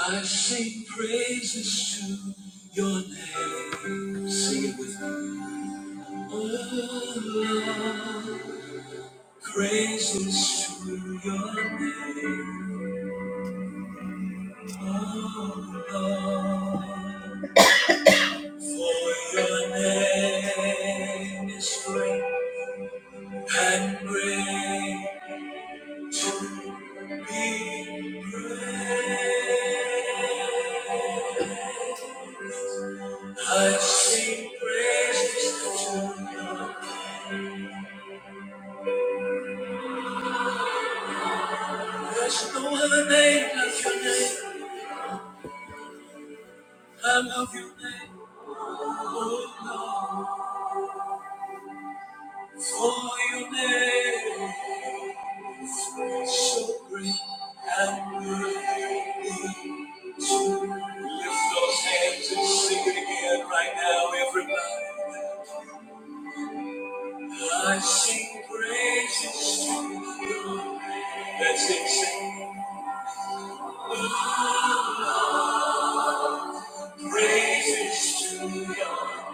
I sing praises to your name. Sing it with me. Oh, Lord, praises to your name. Oh, Lord, for your name is great and great to be praised. I sing praises to your name. Bless the other name, bless your name. I love your name, oh Lord. For your name is so great and worthy to lift those hands and sing it again right now, everybody. I sing praises to you. Lord. Let's sing, sing. Oh, Praises to your,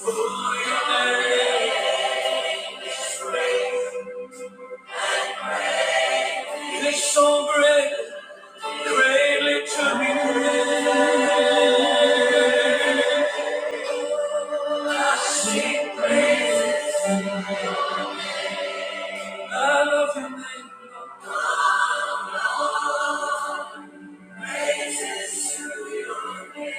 for your name. is great It's so great, greatly to be praised. I sing praise. I love your name. Lord. Praises to your name.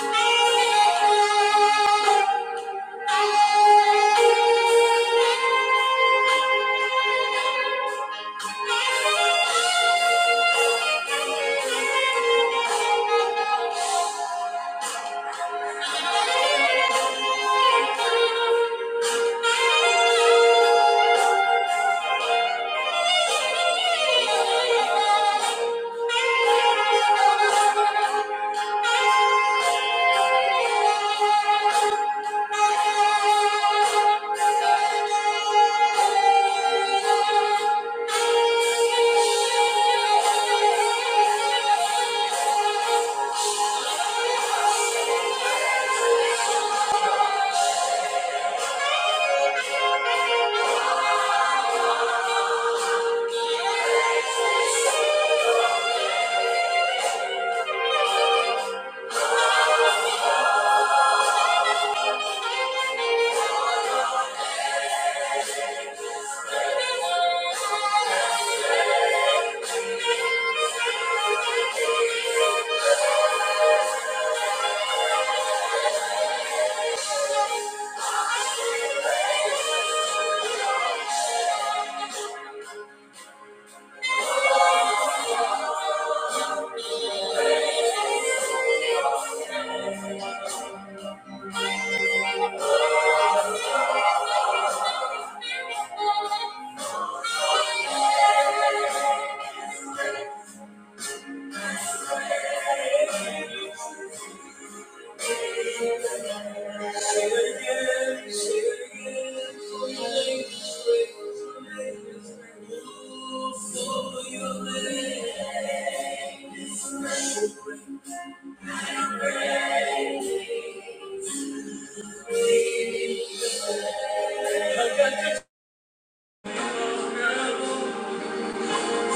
Thank you. Thank you. Thank you.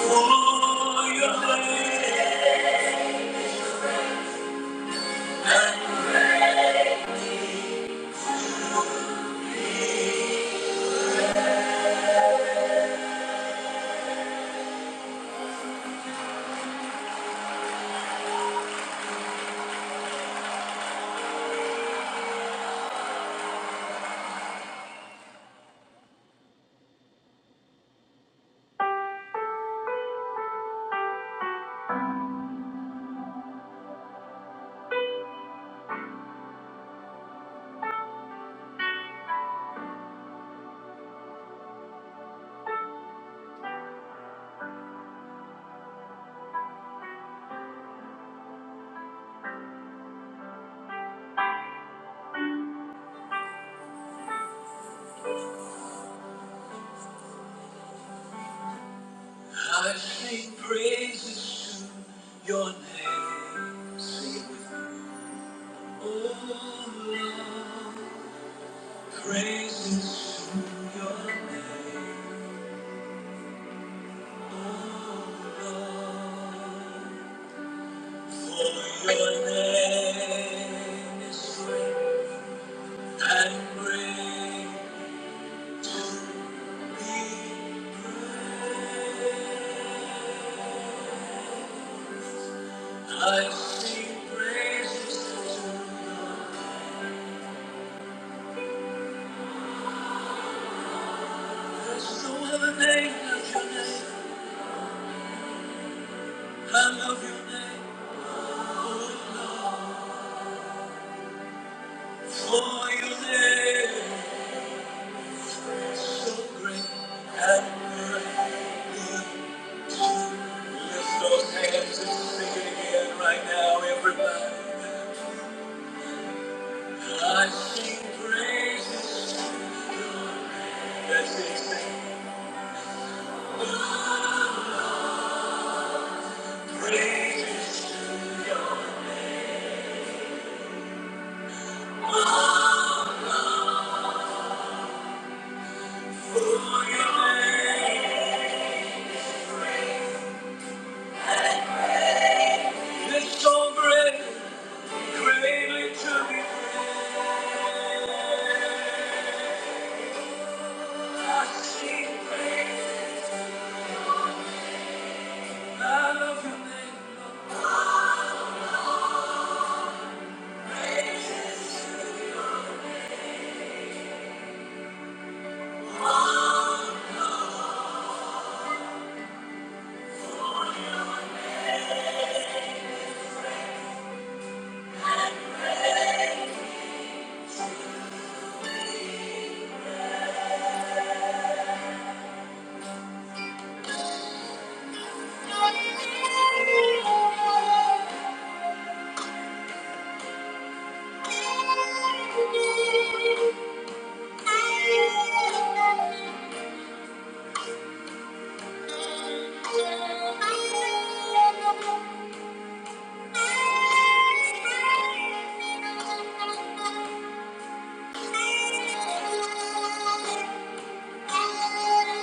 Oh, your name. I sing praises to your name. Sing it with me. Oh Lord, praises to your name. Oh Lord, for your name is great and greatly praised. I sing praises to your name. There's no other name like your name. I love your name, oh Lord. For your name is so great and great. Lift those hands and sing it again right now, everybody. I sing praises to the Lord. That's it, sing praises oh Lord, for your name. is great. It's so great, greatly to be praised. I sing praise. I love your name, Lord. Thank you.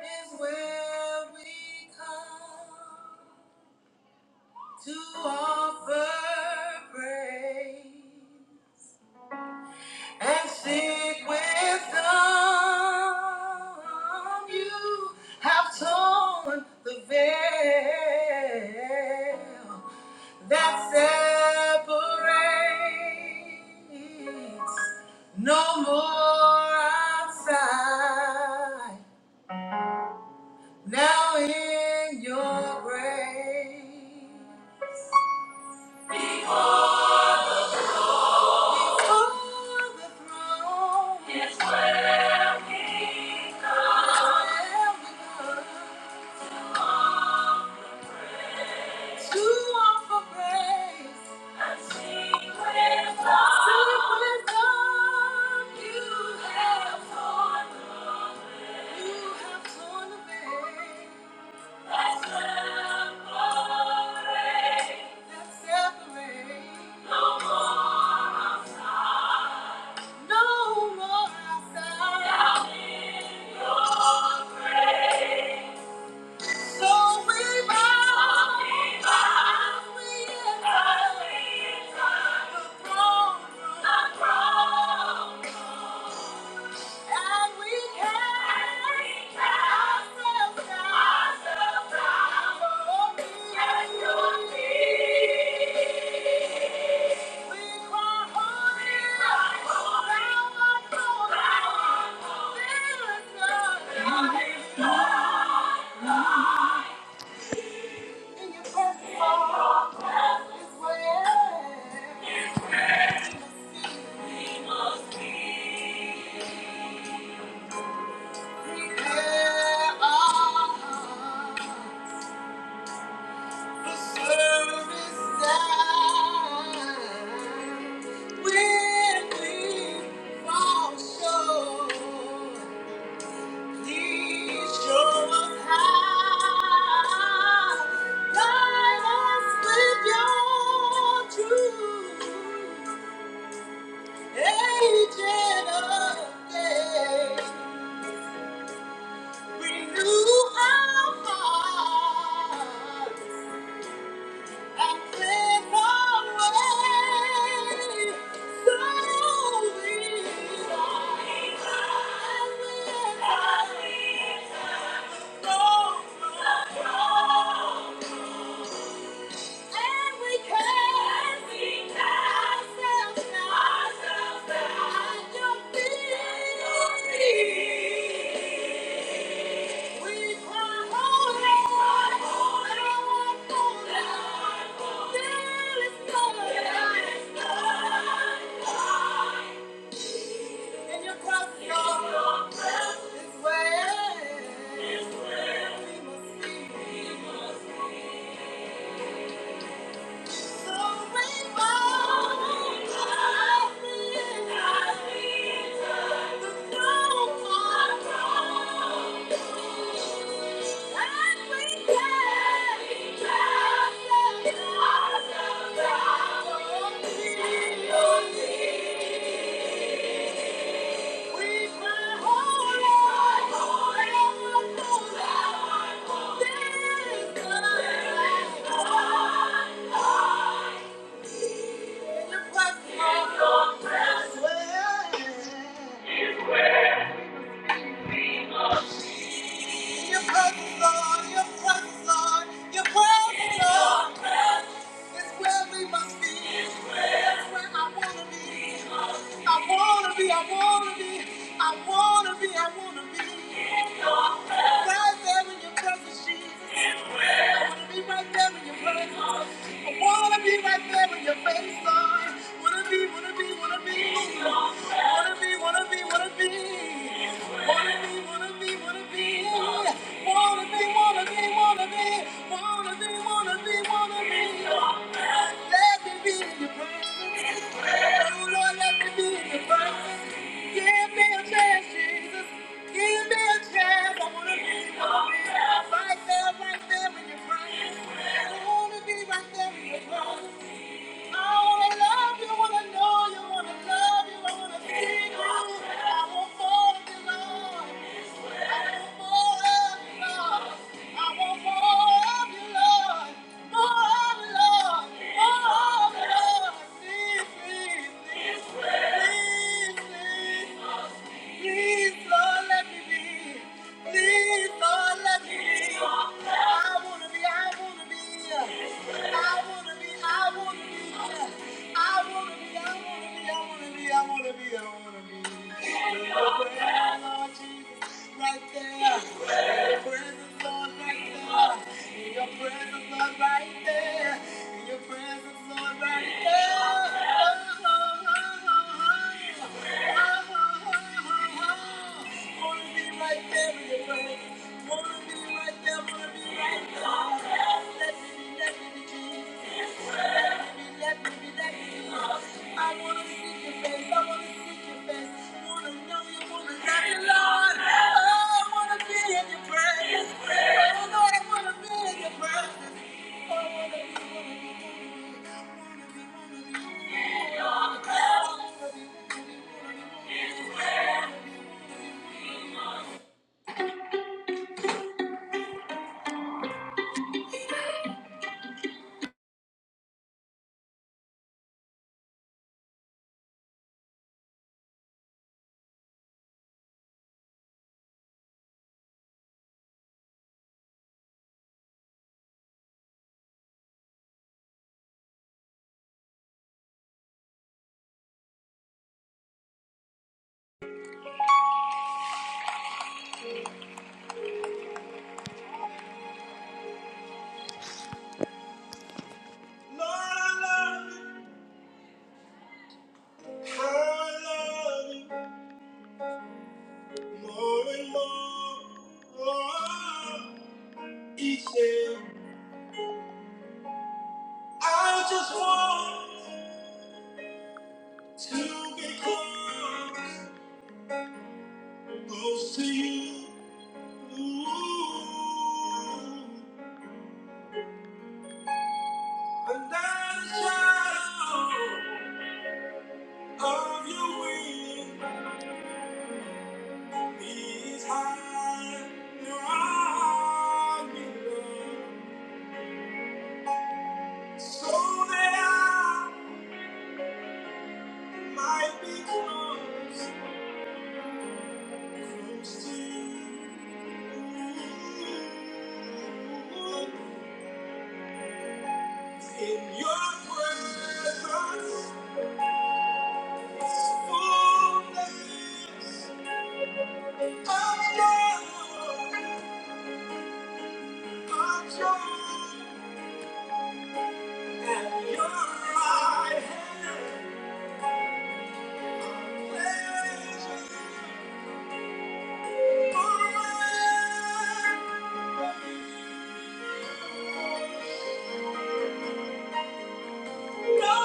is where we come to offer praise and seek wisdom. You have torn the veil that separates no more outside. Now in your grace, before the throne, yes, Lord. I am with her to offer grace, Yes, Lord. to wisdom you have, you have torn the veil that separates. No more outside. Now in your grace. So we bow, we enter the throne room, and we cast ourselves down at your feet. We cry, holy, thou art holy, there is none in your presence all is where Agent of day. Thank you. This way, We must you. Oh! I wanna be, I wanna be, I wanna be. right there in your presence, Jesus. I Wanna be right there when you're right, Lord. I wanna be right there when you're face, Lord. Wanna be, wanna be, wanna be. Wanna be, wanna be, wanna be. Wanna be, wanna be, wanna be. Wanna be, wanna be, wanna be. Wanna be, wanna be, wanna be. Right there, right there in your presence. I wanna be right there in your presence. Please, please, please. Please, Lord, let me be. Please, Lord, let me be. I wanna be, I wanna be. I wanna be, I wanna be. I wanna be, I wanna be, I wanna be, I wanna be, I wanna be. Lord, Lord Jesus, right there. Your presence, Lord, right there. Your presence, Lord, right there. Your presence, Lord, right there. Oh, oh, oh, oh, oh. I wanna be, wanna be, wanna be, wanna be, wanna be. Lord, I love you. I love you more and more. Oh, each day, I just want to be close, close to you. And that shadow of your wing high. Your arm, you love, so that I Might be close, close to you. In your presence is fullness of joy, of joy. And your right hand pleasures forever. No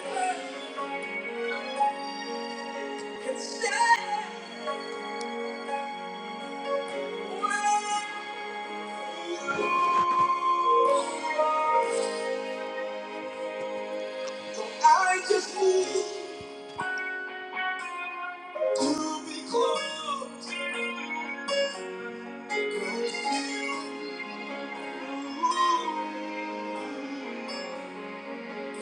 one can stand. well. To be close, want I I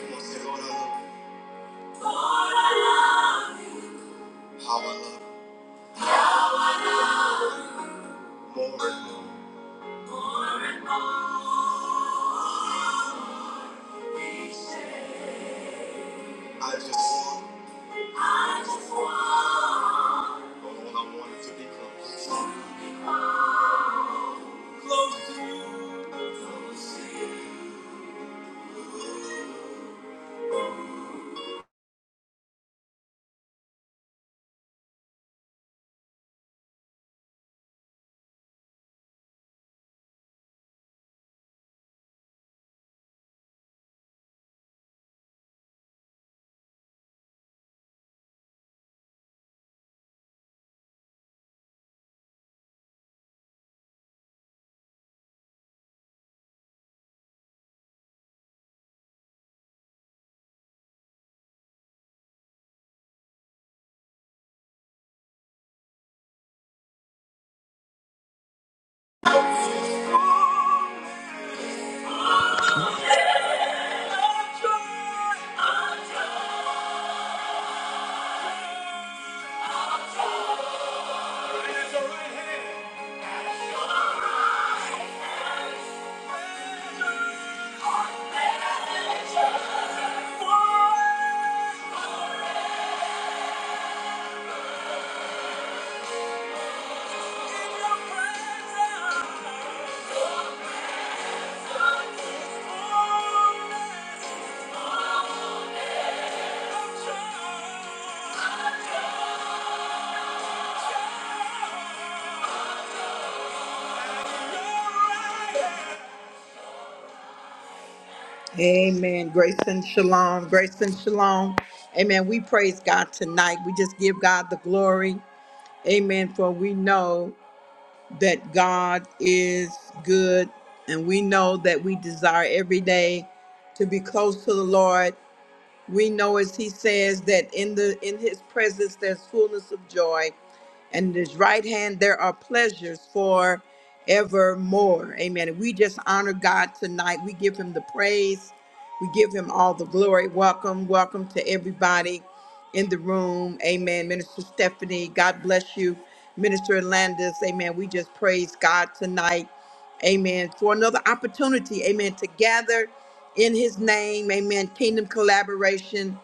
I love, how more I just Oh Amen. Grace and shalom. Grace and shalom. Amen. We praise God tonight. We just give God the glory. Amen. For we know that God is good and we know that we desire every day to be close to the Lord we know as he says that in the in his presence there's fullness of joy and in his right hand there are pleasures for evermore amen and we just honor god tonight we give him the praise we give him all the glory welcome welcome to everybody in the room amen minister stephanie god bless you minister landis amen we just praise god tonight amen, for another opportunity, amen, to gather in his name, amen, kingdom collaboration,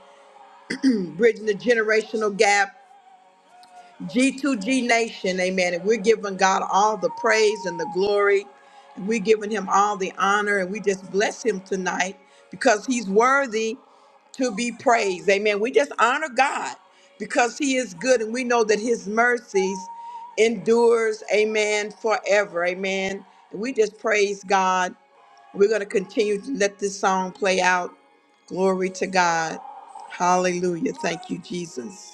bridging the generational gap, G2G Nation, amen. And we're giving God all the praise and the glory, and we're giving him all the honor, and we just bless him tonight because he's worthy to be praised, amen. We just honor God because he is good, and we know that his mercies endures, amen, forever, amen. And we just praise God we're going to continue to let this song play out. Glory to God. Hallelujah. Thank you, Jesus.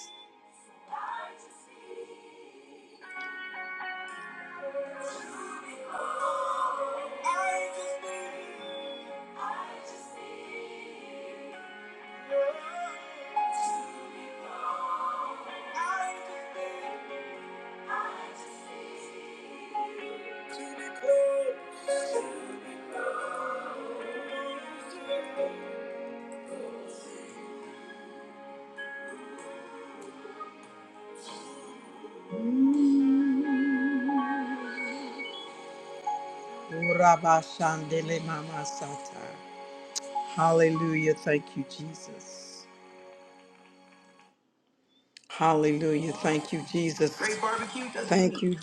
Urabashandele mama sata. Hallelujah. Thank you, Jesus. Hallelujah. Thank you, Jesus. Great barbecue doesn't Thank you,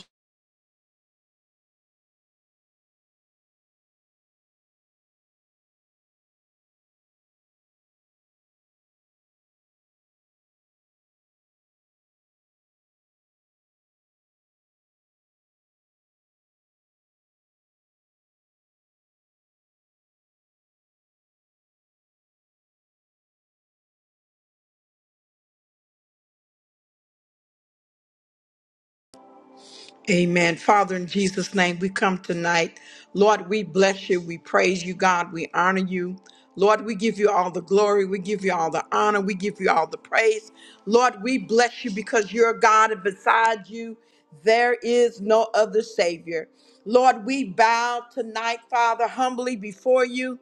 Amen. Father, in Jesus' name, we come tonight. Lord, we bless you. We praise you, God. We honor you. Lord, we give you all the glory. We give you all the honor. We give you all the praise. Lord, we bless you because you're God, and beside you, there is no other Savior. Lord, we bow tonight, Father, humbly before you.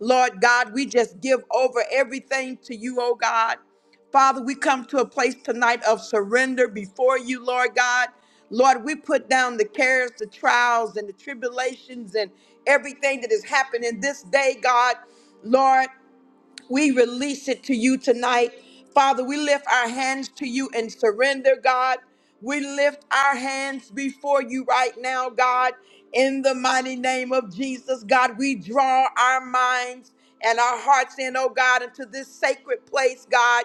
Lord God, we just give over everything to you, oh God. Father, we come to a place tonight of surrender before you, Lord God. Lord, we put down the cares, the trials, and the tribulations and everything that has happened in this day, God. Lord. We release it to you tonight. Father, we lift our hands to you and surrender, God. We lift our hands before you right now, God. In the mighty name of Jesus, God, we draw our minds and our hearts in, oh God, into this sacred place, God.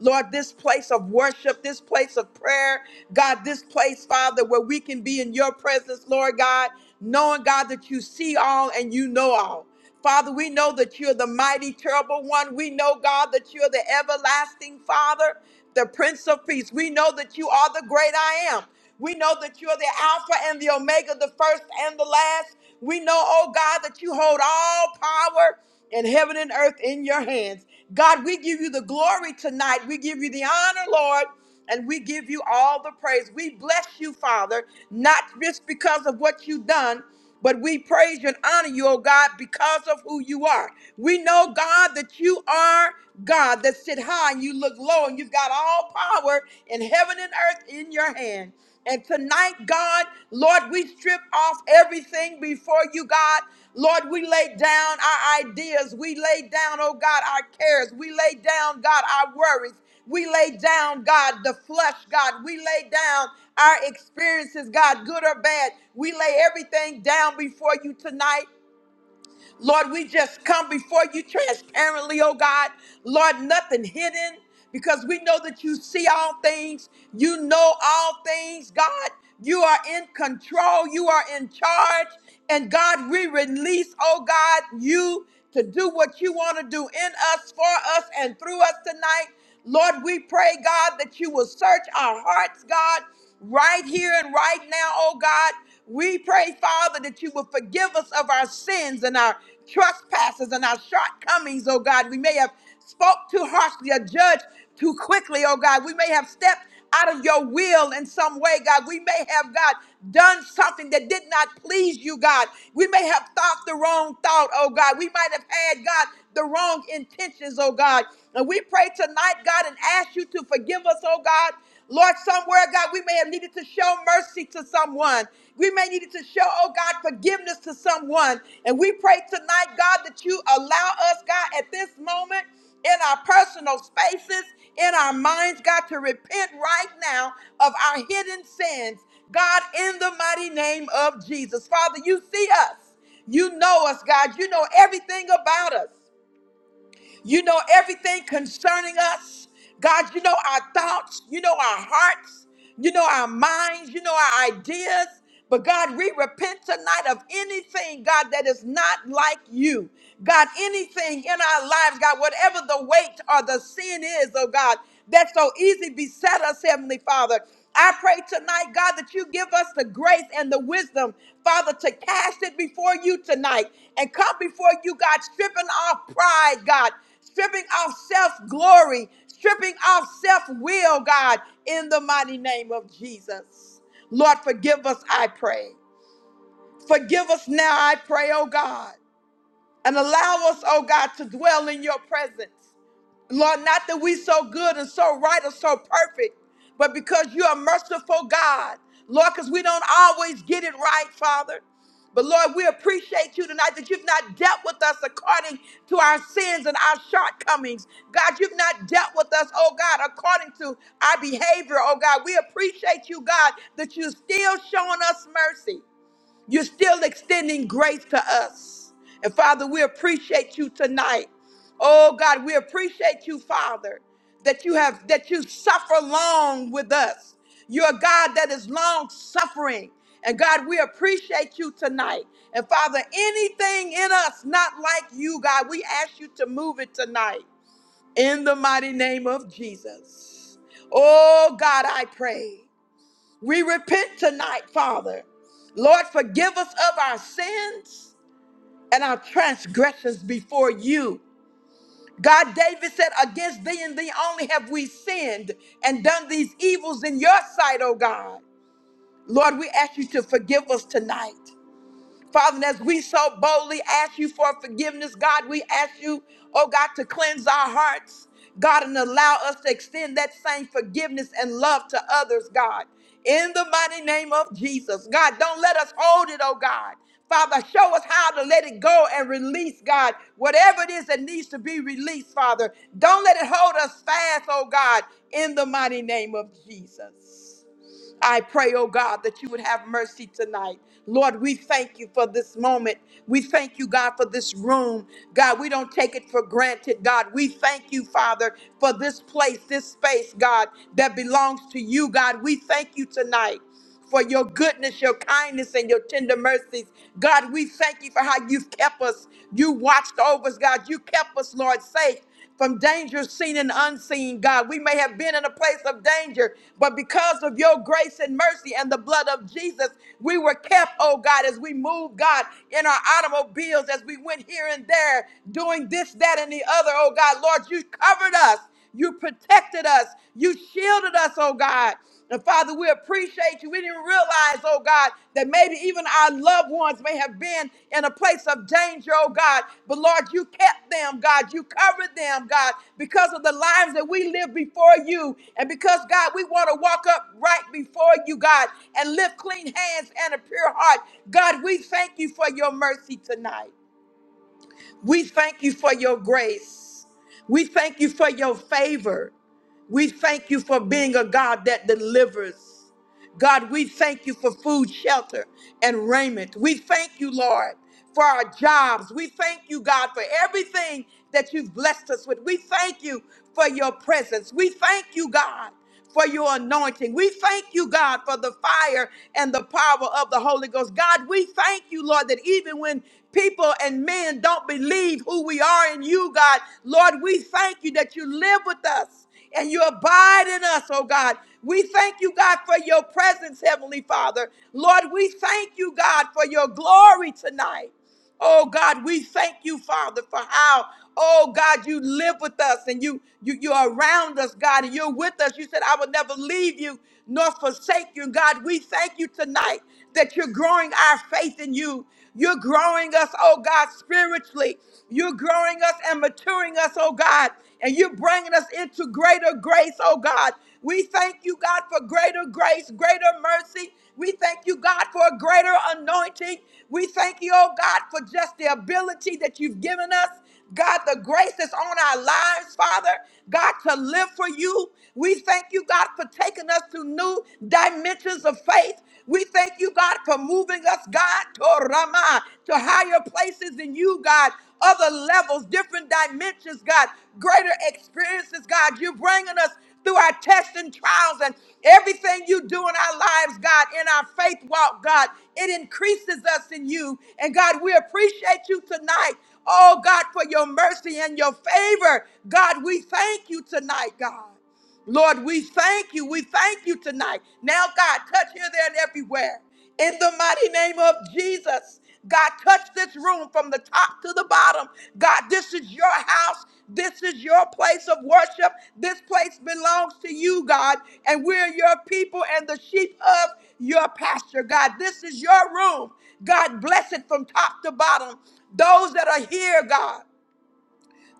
Lord, this place of worship, this place of prayer, God, this place, Father, where we can be in your presence, Lord God, knowing, God, that you see all and you know all. Father, we know that you're the mighty, terrible one. We know, God, that you're the everlasting Father, the Prince of Peace. We know that you are the great I am. We know that you're the Alpha and the Omega, the first and the last. We know, oh God, that you hold all power in heaven and earth in your hands. God, we give you the glory tonight. We give you the honor, Lord, and we give you all the praise. We bless you, Father, not just because of what you've done. But we praise you and honor you, oh God, because of who you are. We know, God, that you are God that sit high and you look low, and you've got all power in heaven and earth in your hand. And tonight, God, Lord, we strip off everything before you, God. Lord, we lay down our ideas. We lay down, oh God, our cares. We lay down, God, our worries. We lay down, God, the flesh, God. We lay down our experiences, God, good or bad. We lay everything down before you tonight. Lord, we just come before you transparently, oh God. Lord, nothing hidden because we know that you see all things, you know all things, God. You are in control, you are in charge. And God, we release, oh God, you to do what you want to do in us, for us, and through us tonight. Lord, we pray, God, that you will search our hearts, God, right here and right now, oh God. We pray, Father, that you will forgive us of our sins and our trespasses and our shortcomings, oh God. We may have spoke too harshly or judged too quickly, oh God. We may have stepped out of your will in some way, God. We may have, God, done something that did not please you, God. We may have thought the wrong thought, oh God. We might have had, God, the wrong intentions, oh God. And we pray tonight, God, and ask you to forgive us, oh God. Lord, somewhere, God, we may have needed to show mercy to someone. We may needed to show, oh God, forgiveness to someone. And we pray tonight, God, that you allow us, God, at this moment in our personal spaces, in our minds, God, to repent right now of our hidden sins. God, in the mighty name of Jesus. Father, you see us. You know us, God. You know everything about us. You know everything concerning us. God, you know our thoughts, you know our hearts, you know our minds, you know our ideas. But God, we repent tonight of anything, God, that is not like you. God, anything in our lives, God, whatever the weight or the sin is, oh God, that so easily beset us, Heavenly Father. I pray tonight, God, that you give us the grace and the wisdom, Father, to cast it before you tonight and come before you, God, stripping off pride, God, stripping off self glory, stripping off self will, God, in the mighty name of Jesus. Lord, forgive us, I pray. Forgive us now, I pray, oh God, and allow us, oh God, to dwell in your presence. Lord, not that we so good and so right or so perfect, but because you are merciful God. Lord, because we don't always get it right, Father. But Lord, we appreciate you tonight that you've not dealt with us according to our sins and our shortcomings. God, you've not dealt with us, oh God, according to our behavior, oh God. We appreciate you, God, that you're still showing us mercy. You're still extending grace to us. And Father, we appreciate you tonight. Oh God, we appreciate you, Father, that you have that you suffer long with us. You're a God that is long suffering. And God, we appreciate you tonight. And Father, anything in us not like you, God, we ask you to move it tonight in the mighty name of Jesus. Oh God, I pray. We repent tonight, Father. Lord, forgive us of our sins and our transgressions before you. God, David said, Against thee and thee only have we sinned and done these evils in your sight, O God. Lord, we ask you to forgive us tonight. Father, and as we so boldly ask you for forgiveness, God, we ask you, oh God, to cleanse our hearts, God, and allow us to extend that same forgiveness and love to others, God. In the mighty name of Jesus, God, don't let us hold it, oh God. Father, show us how to let it go and release, God, whatever it is that needs to be released, Father. Don't let it hold us fast, oh God, in the mighty name of Jesus. I pray, oh God, that you would have mercy tonight. Lord, we thank you for this moment. We thank you, God, for this room. God, we don't take it for granted, God. We thank you, Father, for this place, this space, God, that belongs to you, God. We thank you tonight for your goodness, your kindness, and your tender mercies. God, we thank you for how you've kept us. You watched over us, God. You kept us, Lord, safe from danger seen and unseen, God. We may have been in a place of danger, but because of your grace and mercy and the blood of Jesus, we were kept, oh God, as we moved, God, in our automobiles, as we went here and there, doing this, that, and the other, oh God. Lord, you covered us. You protected us. You shielded us, oh God. And Father, we appreciate you. We didn't realize, oh God, that maybe even our loved ones may have been in a place of danger, oh God. But Lord, you kept them, God. You covered them, God, because of the lives that we live before you. And because, God, we want to walk up right before you, God, and lift clean hands and a pure heart. God, we thank you for your mercy tonight. We thank you for your grace. We thank you for your favor. We thank you for being a God that delivers. God, we thank you for food, shelter, and raiment. We thank you, Lord, for our jobs. We thank you, God, for everything that you've blessed us with. We thank you for your presence. We thank you, God, for your anointing. We thank you, God, for the fire and the power of the Holy Ghost. God, we thank you, Lord, that even when people and men don't believe who we are in you, God, Lord, we thank you that you live with us and you abide in us, oh God. We thank you, God, for your presence, Heavenly Father. Lord, we thank you, God, for your glory tonight. Oh God, we thank you, Father, for how, oh God, you live with us and you, you you're around us, God, and you're with us. You said, I will never leave you nor forsake you. God, we thank you tonight that you're growing our faith in you. You're growing us, oh God, spiritually. You're growing us and maturing us, oh God. And you're bringing us into greater grace, oh God. We thank you, God, for greater grace, greater mercy. We thank you, God, for a greater anointing. We thank you, oh God, for just the ability that you've given us. God, the grace that's on our lives, Father, God, to live for you. We thank you, God, for taking us to new dimensions of faith. We thank you, God, for moving us, God, to Rama, to higher places in you, God, other levels, different dimensions, God, greater experiences, God. You're bringing us through our tests and trials and everything you do in our lives, God, in our faith walk, God. It increases us in you. And God, we appreciate you tonight. Oh God, for your mercy and your favor. God, we thank you tonight, God. Lord, we thank you. We thank you tonight. Now, God, touch here, there, and everywhere. In the mighty name of Jesus, God, touch this room from the top to the bottom. God, this is your house. This is your place of worship. This place belongs to you, God. And we're your people and the sheep of your pasture, God. This is your room. God, bless it from top to bottom. Those that are here, God.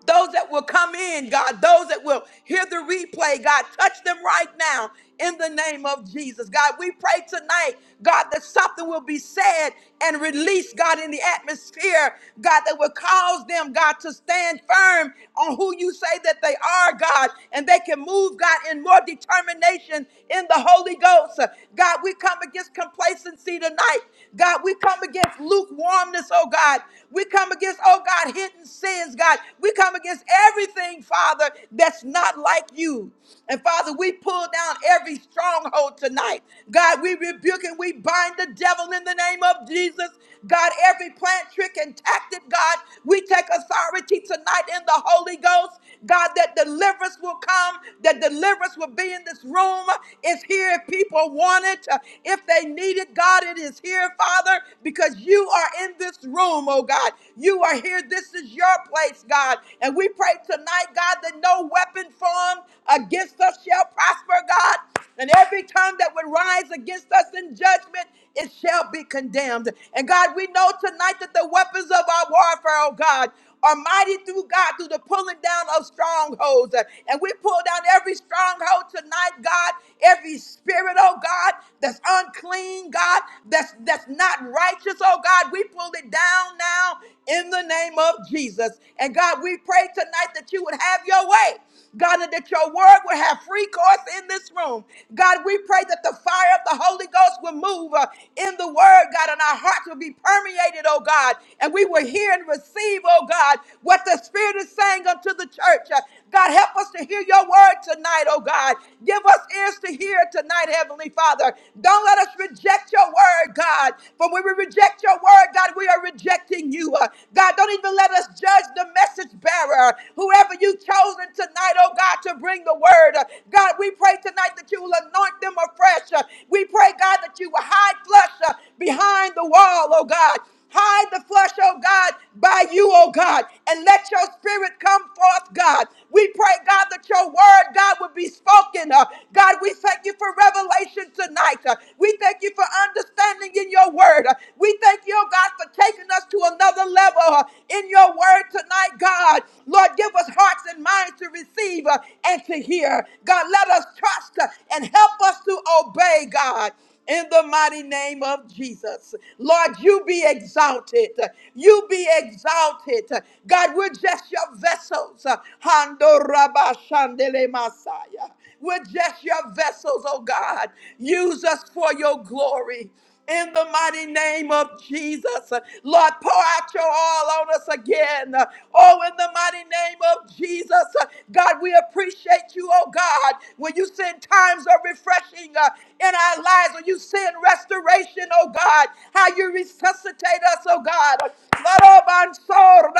Those that will come in, God, those that will hear the replay, God, touch them right now in the name of Jesus. God, we pray tonight, God, that something will be said and released, God, in the atmosphere, God, that will cause them, God, to stand firm on who you say that they are, God, and they can move, God, in more determination in the Holy Ghost. God, we come against complacency tonight. God, we come against lukewarmness, oh God. We come against, oh God, hidden sins, God. We come against everything, Father, that's not like you. And Father, we pull down every stronghold tonight. God, we rebuke and we bind the devil in the name of Jesus. God, every plant, trick, and tactic, God, we take authority tonight in the Holy Ghost. God, that deliverance will come, that deliverance will be in this room. It's here if people want it, if they need it. God, it is here, Father. Father, because you are in this room, oh God. You are here. This is your place, God. And we pray tonight, God, that no weapon formed against us shall prosper, God. And every tongue that would rise against us in judgment, it shall be condemned. And God, we know tonight that the weapons of our warfare, oh God, are mighty through God through the pulling down of strongholds. Uh, And we pull down every stronghold tonight, God, every spirit, oh God, that's unclean, God, that's that's not righteous, oh God. We pull it down now in the name of Jesus. And God, we pray tonight that you would have your way. God, and that your word will have free course in this room. God, we pray that the fire of the Holy Ghost will move uh, in the word, God, and our hearts will be permeated, oh God, and we will hear and receive, oh God, what the Spirit is saying unto the church. Uh, God, help us to hear your word tonight, oh God. Give us ears to hear tonight, Heavenly Father. Don't let us reject your word, God. For when we reject your word, God, we are rejecting you. Uh, God, don't even let us judge the message bearer, whoever you've chosen tonight, oh God, to bring the word. Uh, God, we pray tonight that you will anoint them afresh. Uh, We pray, God, that you will hide flesh uh, behind the wall, oh God. Hide the flesh, oh God, by you, oh God, and let your spirit come forth, God. We pray, God, that your word, God, would be spoken. uh, God, we thank you for revelation tonight. uh, we we thank you for understanding in your word. We thank you, oh God, for taking us to another level uh, in your word tonight, God. Lord, give us hearts and minds to receive uh, and to hear. God, let us trust uh, and help us to obey, God. In the mighty name of Jesus. Lord, you be exalted. You be exalted. God, we're just your vessels. Hando rabba shandele Messiah. We're just your vessels, oh God. Use us for your glory. In the mighty name of Jesus, Lord, pour out your all on us again. Oh, in the mighty name of Jesus, God, we appreciate you, oh God, when you send times of refreshing uh, in our lives, when you send restoration, oh God, how you resuscitate us, oh God.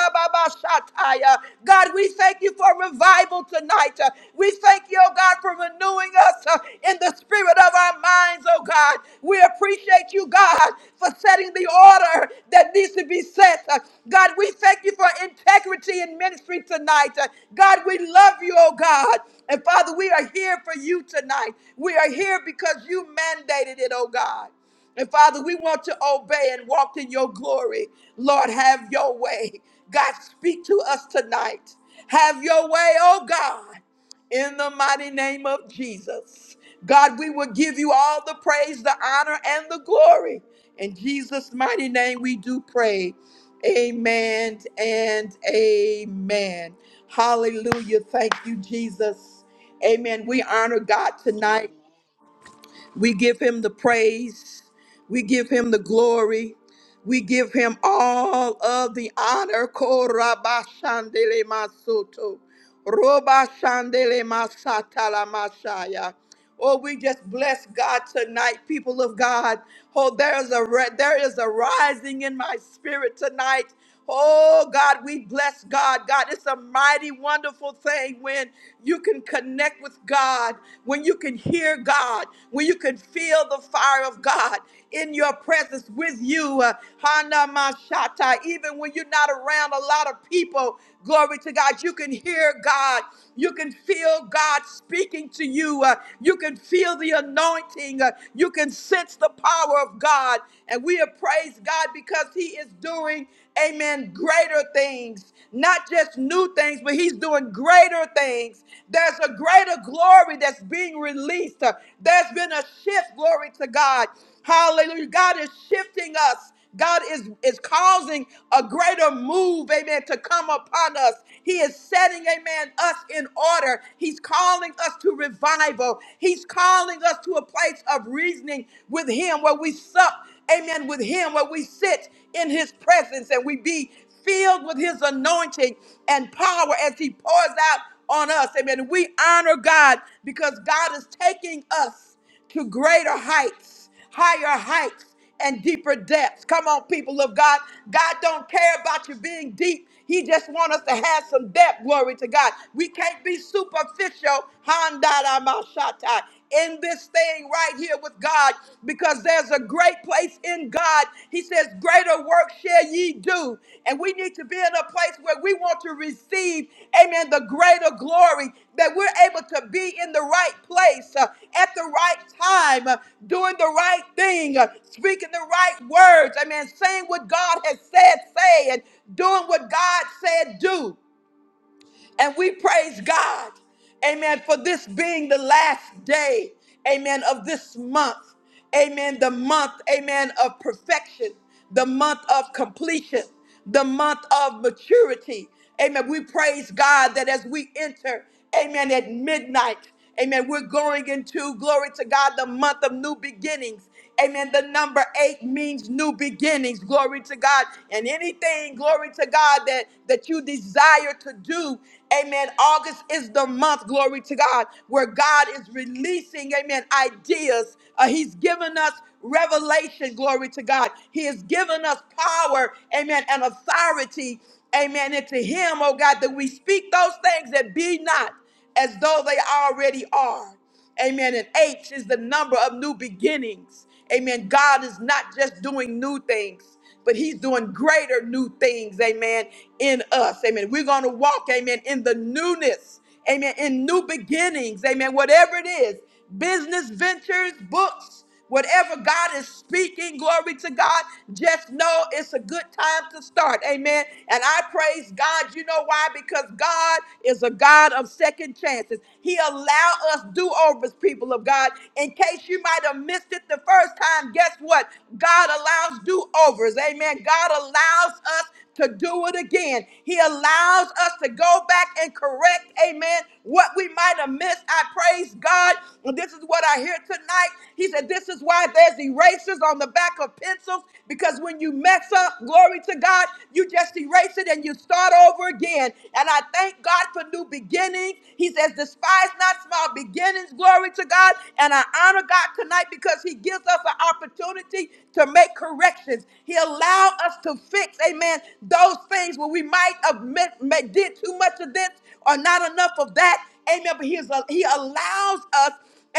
Rababashataya. God, we thank you for revival tonight. Uh, We thank you, oh God, for renewing us uh, in the spirit of our minds, oh God. We appreciate you, God, for setting the order that needs to be set. Uh, God, we thank you for integrity in ministry tonight. Uh, God, we love you, oh God. And Father, we are here for you tonight. We are here because you mandated it, oh God. And Father, we want to obey and walk in your glory. Lord, have your way. God, speak to us tonight. Have your way, oh God, in the mighty name of Jesus. God, we will give you all the praise, the honor, and the glory. In Jesus' mighty name, we do pray. Amen and amen. Hallelujah. Thank you, Jesus. Amen. We honor God tonight. We give him the praise. We give him the glory. We give him all of the honor. Korabashandele masoto. Robashandele masatala mashaya. Oh, we just bless God tonight, people of God. Oh, there is a ri- there is a rising in my spirit tonight. Oh God, we bless God. God, it's a mighty wonderful thing when you can connect with God, when you can hear God, when you can feel the fire of God in your presence with you. Uh, Hana Mashata, even when you're not around a lot of people, glory to God, you can hear God. You can feel God speaking to you. Uh, you can feel the anointing. Uh, you can sense the power of God. And we have praised God because He is doing, amen, greater things. Not just new things, but He's doing greater things. There's a greater glory that's being released. There's been a shift, glory to God. Hallelujah. God is shifting us. God is, is causing a greater move, amen, to come upon us. He is setting, amen, us in order. He's calling us to revival. He's calling us to a place of reasoning with Him where we sup, amen, with Him, where we sit in His presence and we be filled with His anointing and power as He pours out on us. Amen. We honor God because God is taking us to greater heights, higher heights, and deeper depths. Come on, people of God. God don't care about you being deep. He just wants us to have some depth. Glory to God. We can't be superficial. Handaramashata, In this thing right here with God, because there's a great place in God. He says says, Greater work shall ye do. And we need to be in a place where we want to receive, amen, the greater glory, that we're able to be in the right place uh, at the right time, uh, doing the right thing, uh, speaking the right words, amen, saying what God has said, say, and doing what God said, do. And we praise God, amen, for this being the last day, amen, of this month, amen, the month, amen, of perfection, the month of completion, the month of maturity. Amen. We praise God that as we enter, amen, at midnight, amen, we're going into, glory to God, the month of new beginnings. Amen. The number eight means new beginnings. Glory to God. And anything, glory to God, that, that you desire to do. Amen. August is the month, glory to God, where God is releasing, amen, ideas. Uh, he's given us revelation, glory to God. He has given us power, amen, and authority, amen. And to Him, oh God, that we speak those things that be not as though they already are. Amen. And H is the number of new beginnings. Amen. God is not just doing new things, but He's doing greater new things. Amen. In us. Amen. We're going to walk. Amen. In the newness. Amen. In new beginnings. Amen. Whatever it is business ventures, books. Whatever God is speaking, glory to God, just know it's a good time to start. Amen. And I praise God. You know why? Because God is a God of second chances. He allow us do-overs, people of God. In case you might have missed it the first time, guess what? God allows do-overs. Amen. God allows us to do it again. He allows us to go back and correct, amen, what we might have missed. I praise God. And this is what I hear tonight. He said, This is why there's erasers on the back of pencils, because when you mess up, glory to God, you just erase it and you start over again. And I thank God for new beginnings. He says, Despise not small beginnings, glory to God. And I honor God tonight because He gives us an opportunity to make corrections. He allows allow us to fix, amen, those things where we might have mi- ma- did too much of this or not enough of that. Amen. But he, is a, he allows us,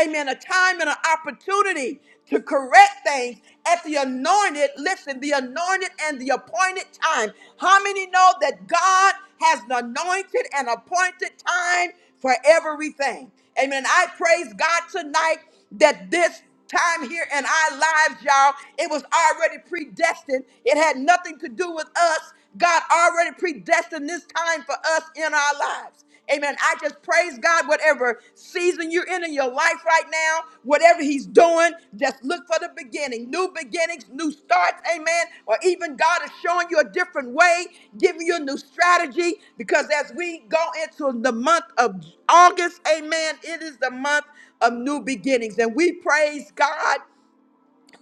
amen, a time and an opportunity to correct things at the anointed, listen, the anointed and the appointed time. How many know that God has an anointed and appointed time for everything? Amen. I praise God tonight that this time here in our lives, y'all. It was already predestined. It had nothing to do with us. God already predestined this time for us in our lives. Amen. I just praise God, whatever season you're in in your life right now, whatever He's doing, just look for the beginning. New beginnings, new starts, amen. Or even God is showing you a different way, giving you a new strategy. Because as we go into the month of August, amen, it is the month of new beginnings. And we praise God,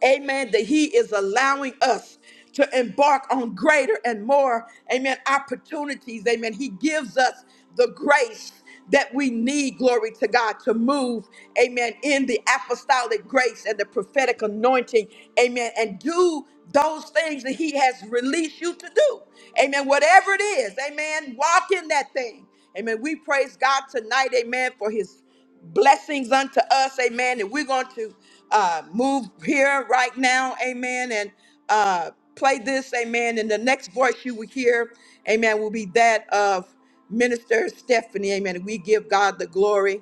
amen, that He is allowing us to embark on greater and more, amen, opportunities. Amen. He gives us the grace that we need, glory to God, to move, amen, in the apostolic grace and the prophetic anointing, amen, and do those things that He has released you to do. Amen. Whatever it is, amen, walk in that thing. Amen. We praise God tonight, amen, for His blessings unto us, amen. And we're going to uh, move here right now, amen, and uh, play this, amen. And the next voice you will hear, amen, will be that of Minister Stephanie, amen. And we give God the glory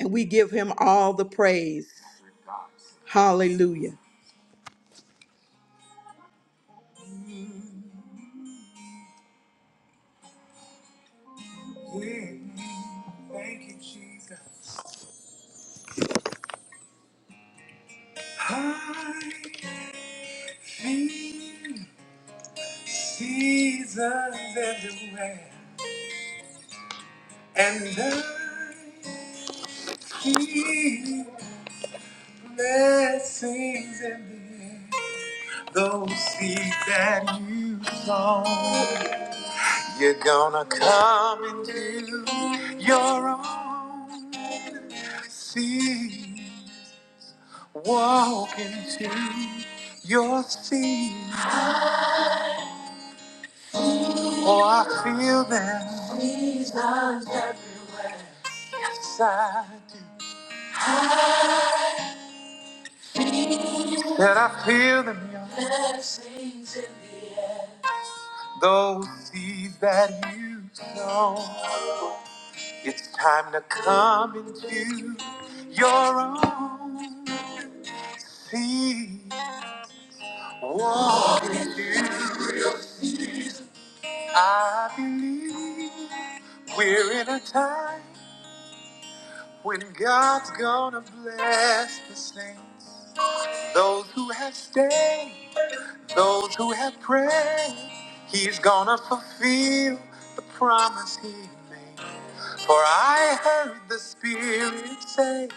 and we give him all the praise. Hallelujah. Mm, Thank you, Jesus. I feel seasons everywhere. and I keep blessings in the air. Those seeds that you sown, you're gonna come into your own seeds. Walk into your seeds. Oh, I feel them. Yes, I do. That I feel them, y'all. Those seeds that you sow, it's time to come into your own. See, walk into. I believe we're in a time when God's gonna bless the saints. Those who have stayed. Those who have prayed, he's gonna fulfill the promise he made. For I heard the Spirit say,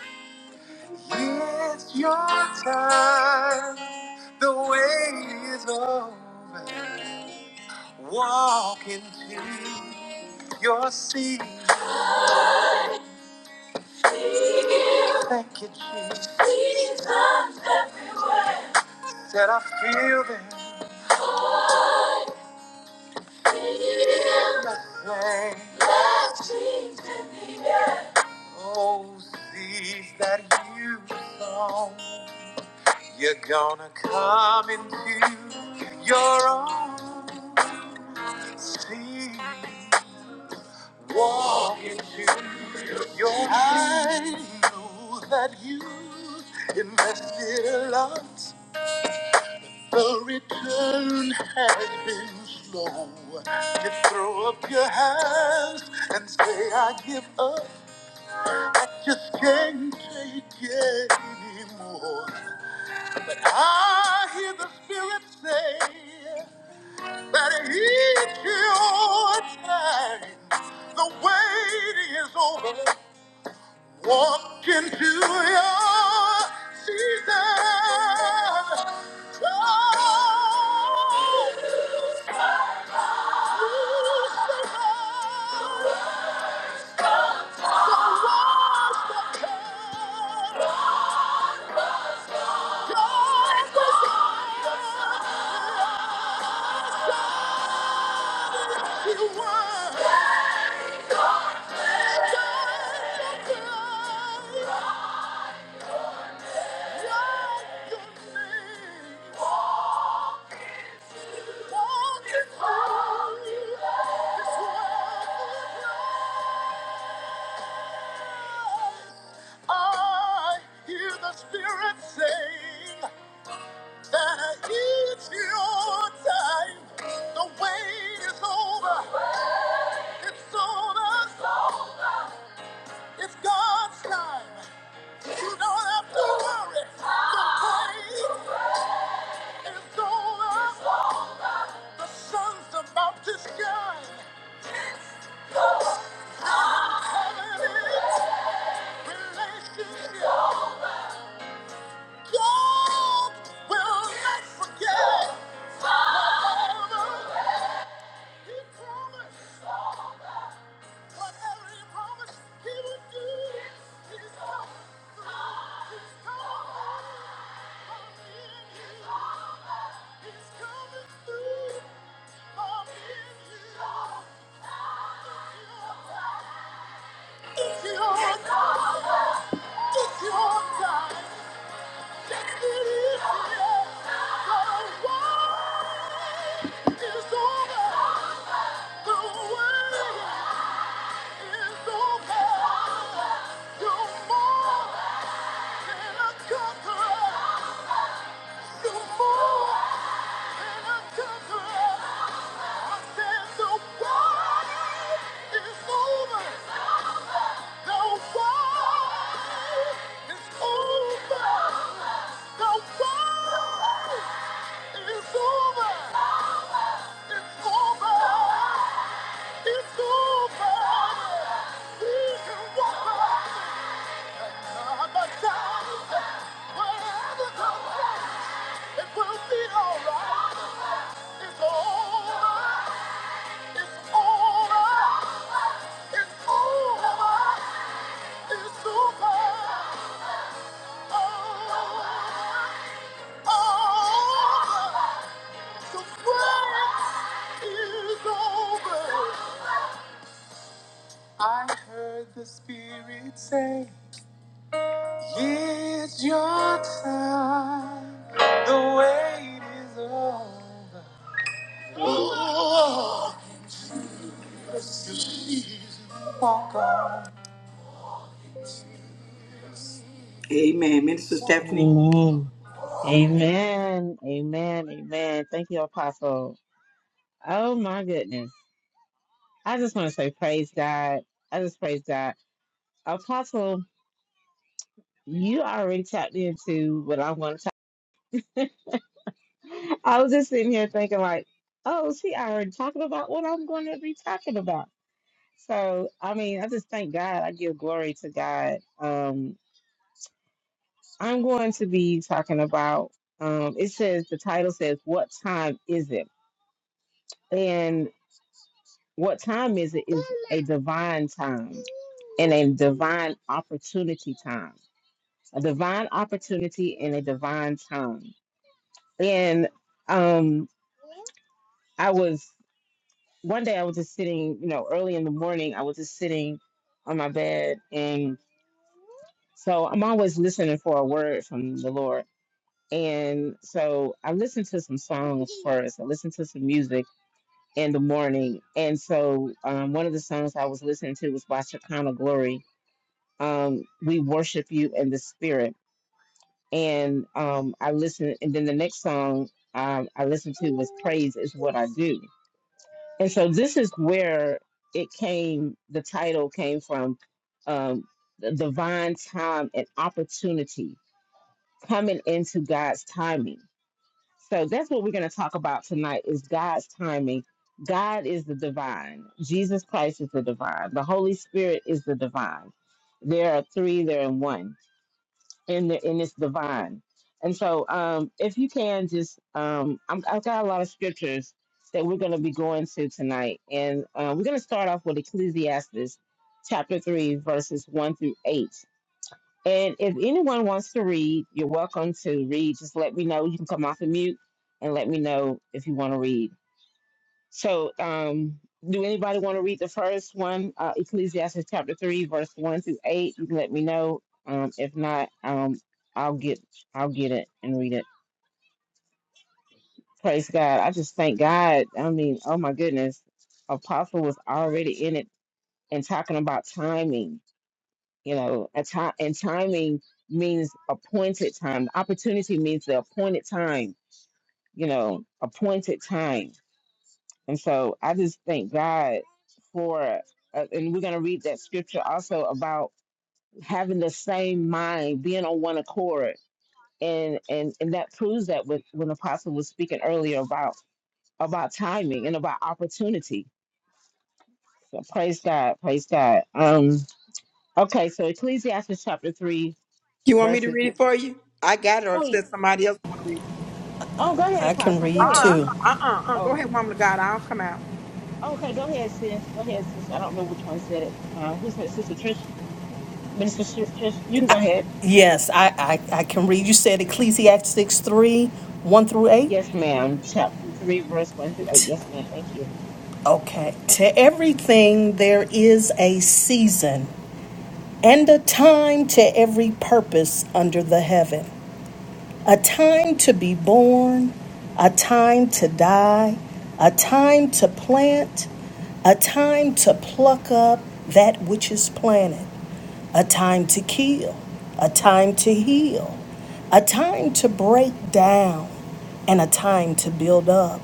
It's your time, the wait is over. Walk into your seat. Thank you, Jesus. Said I feel the flame. Oh, seeds that you sown. You're gonna come into your own. See, walk into your I know that you invested a lot. The return has been slow. You throw up your hands and say, I give up. I just can't take it anymore. Lord, the wait is over. Walk into your season. I hear the Spirit sing. that it's your time. The wait is over. It's on us. It's God's time. You don't have to worry. The wait is over. The sun's about to shine. Heaven is relationship. God will not forget. Forever. He promised. Whatever he promised he would do, he's done. He's coming. I'm in you. He's coming through. I'm in you. It's your time. It's your time. Yes, it is. The wait is over. The wait. It's over! The war is over. The war is over. It's over. It's over. We can walk around by ourselves. Wherever the it will be all right. It's over. It's over. It's over. Amen. Minister Stephanie. Amen. Amen. Amen. Amen. Thank you, Apostle. Oh my goodness. I just want to say praise God. I just praise God. Apostle, you already tapped into what I'm going to talk. I was just sitting here thinking like, oh, she already talking about what I'm going to be talking about. So, I mean, I just thank God. I give glory to God. Um, I'm going to be talking about, um, it says, the title says, what time is it? what time is it is a divine time and a divine opportunity time a divine opportunity and a divine time and um i was one day i was just sitting you know early in the morning i was just sitting on my bed and so i'm always listening for a word from the lord and so i listened to some songs first i listened to some music in the morning and so um, one of the songs i was listening to was by shekinah glory um, we worship you in the spirit. And um, I listened, and then the next song um, I listened to was Praise is What I Do. And so this is where it came, the title came from um, the divine time and opportunity coming into God's timing. So that's what we're going to talk about tonight is God's timing. God is the divine. Jesus Christ is the divine. The Holy Spirit is the divine. There are three, they they're in one and the, and it's divine. And so, um, if you can just, um, I'm, I've got a lot of scriptures that we're going to be going to tonight, and uh, we're going to start off with Ecclesiastes chapter three, verses one through eight. And if anyone wants to read, you're welcome to read. Just let me know. You can come off the mute and let me know if you want to read. So, um, do anybody want to read the first one, uh, Ecclesiastes chapter three, verse one through eight? You can let me know. Um, if not, um, I'll get I'll get it and read it. Praise God! I just thank God. I mean, oh my goodness, Apostle was already in it and talking about timing. You know, a time and timing means appointed time. Opportunity means the appointed time. You know, appointed time And so I just thank God for, uh, and we're going to read that scripture also about having the same mind, being on one accord. And, and and that proves that with, when Apostle was speaking earlier about about timing and about opportunity. So praise God, praise God. Um, okay, so Ecclesiastes chapter three, You want me to verses. read Oh, it for you? I got it, or y- said somebody else want to read it. oh, go ahead, I can Apostle, Uh go read ahead. uh-uh, too. uh uh uh uh. Go Oh, ahead, woman of God. I'll come out. okay, go ahead, sis, go ahead, sis. I don't know which one said it. Uh, who said, it? Sister Trish, Minister Trish? You can go ahead. Yes, I, I, I can read. You said Ecclesiastes 3 1 through 8? Yes, ma'am. Chapter 3, verse 1 through 8. Yes, ma'am. Thank you. Okay. To everything there is a season and a time to every purpose under the heaven, A time to be born, a time to die, a time to plant, a time to pluck up that which is planted, a time to kill, a time to heal, a time to break down, and a time to build up,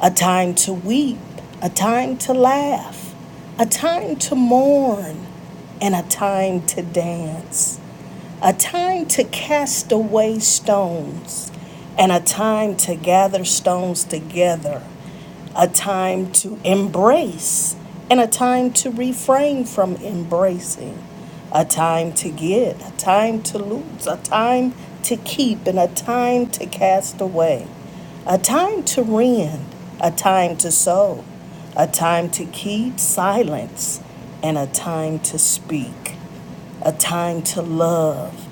a time to weep, a time to laugh, a time to mourn, and a time to dance a time to cast away stones, and a time to gather stones together, a time to embrace, and a time to refrain from embracing, a time to get, a time to lose, a time to keep, and a time to cast away, a time to rend, a time to sow, a time to keep silence, and a time to speak a time to love,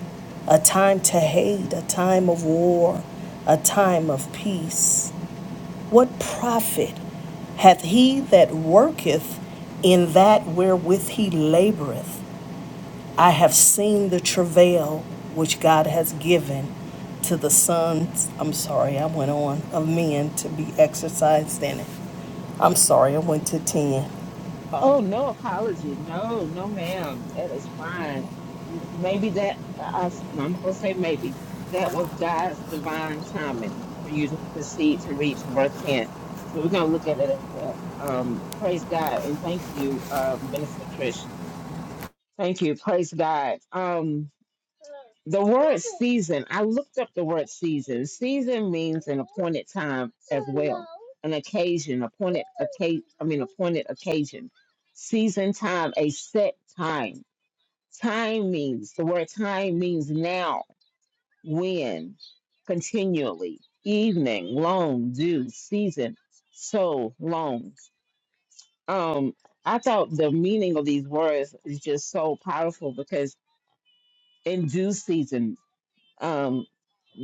a time to hate, a time of war, a time of peace. What profit hath he that worketh in that wherewith he laboureth? I have seen the travail which God has given to the sons, I'm sorry, I went on, of men to be exercised in it. I'm sorry, I went to 10. Oh, no apology. No, no, ma'am. That is fine. M- Maybe that, I, I'm going to say maybe, that was God's divine timing for you to proceed to read to verse 10. So we're going to look at it as that. Um, praise God. And thank you, uh, Minister Trish. Thank you. Praise God. Um, the word season, I looked up the word season. Season means an appointed time. an occasion, appointed occasion, I mean appointed occasion, season time, a set time. Time means the word time means now, when, continually, evening, long, due, season, so long. Um, I thought the meaning of these words is just so powerful because in due season, um,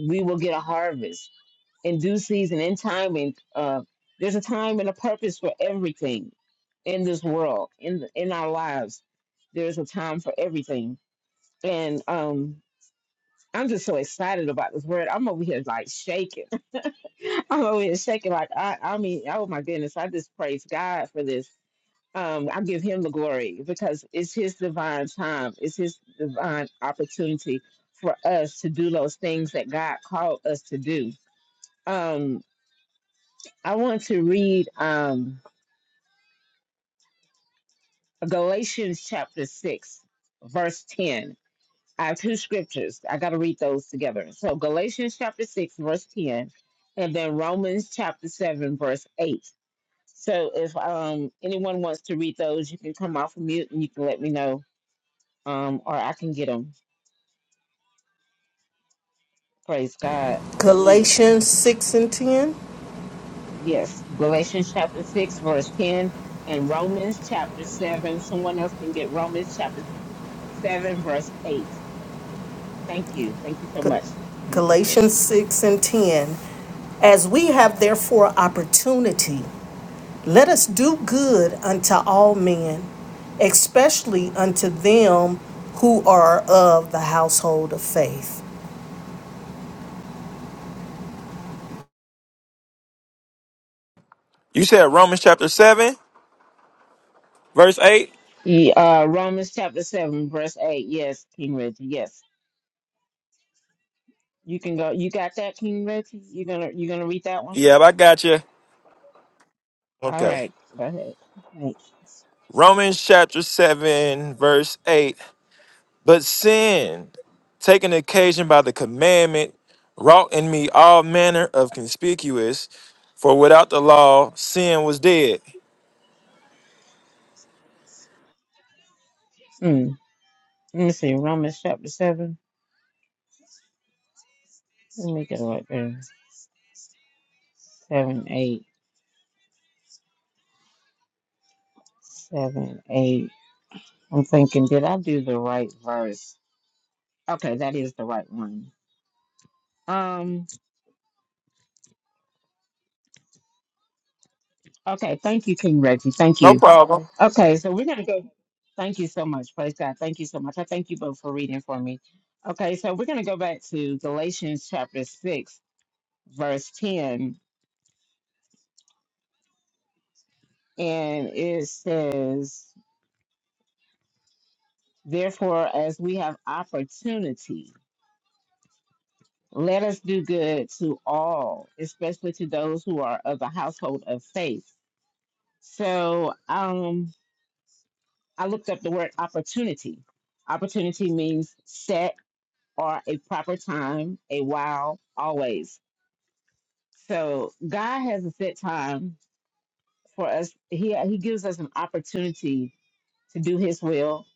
we will get a harvest in due season, in time, and uh, there's a time and a purpose for everything in this world, in in our lives. There's a time for everything, and um, I'm just so excited about this word. I'm over here like shaking. I'm over here shaking like I, I mean, oh my goodness! I just praise God for this. Um, I give Him the glory because it's His divine time. It's His divine opportunity for us to do those things that God called us to do. Um, I want to read um, Galatians chapter 6, verse 10. I have two scriptures. I got to read those together. So, Galatians chapter 6, verse 10, and then Romans chapter 7, verse 8. So, if um, anyone wants to read those, you can come off of mute and you can let me know, um, or I can get them. Praise God. Hallelujah. Galatians 6 and 10. Yes, Galatians chapter 6, verse 10, and Romans chapter 7. Someone else can get Romans chapter 7, verse 8. Thank you. Thank you so G- much, Mr. Trish. Galatians 6 and 10. As we have therefore opportunity, let us do good unto all men, especially unto them who are of the household of faith. You said Romans chapter 7, verse 8? The, uh, Romans chapter 7, verse 8. Yes, King Reggie. Yes. You can go. You got that, King Reggie? you gonna you gonna read that one? Yeah, I got you. All Okay. right. Go ahead. Thanks. Romans chapter 7, verse 8. But sin, taking occasion by the commandment, wrought in me all manner of conspicuous, for without the law, sin was dead. Hmm. Let me see. Romans chapter 7. Let me get it right there. Seven, eight, seven, eight. I'm thinking, did I do the right verse? Okay, that is the right one. Um, okay, thank you, King Reggie. Thank No you. problem. Okay, so we're going to go. Thank you so much. Praise God. Thank you so much. I thank you both for reading for me. Okay, so we're going to go back to Galatians chapter 6, verse 10. And it says, Therefore, as we have opportunity, let us do good to all, especially to those who are of the household of faith. So um, I looked up the word opportunity. Opportunity means set or a proper time, a while, always. So God has a set time for us. He He gives us an opportunity to do His will,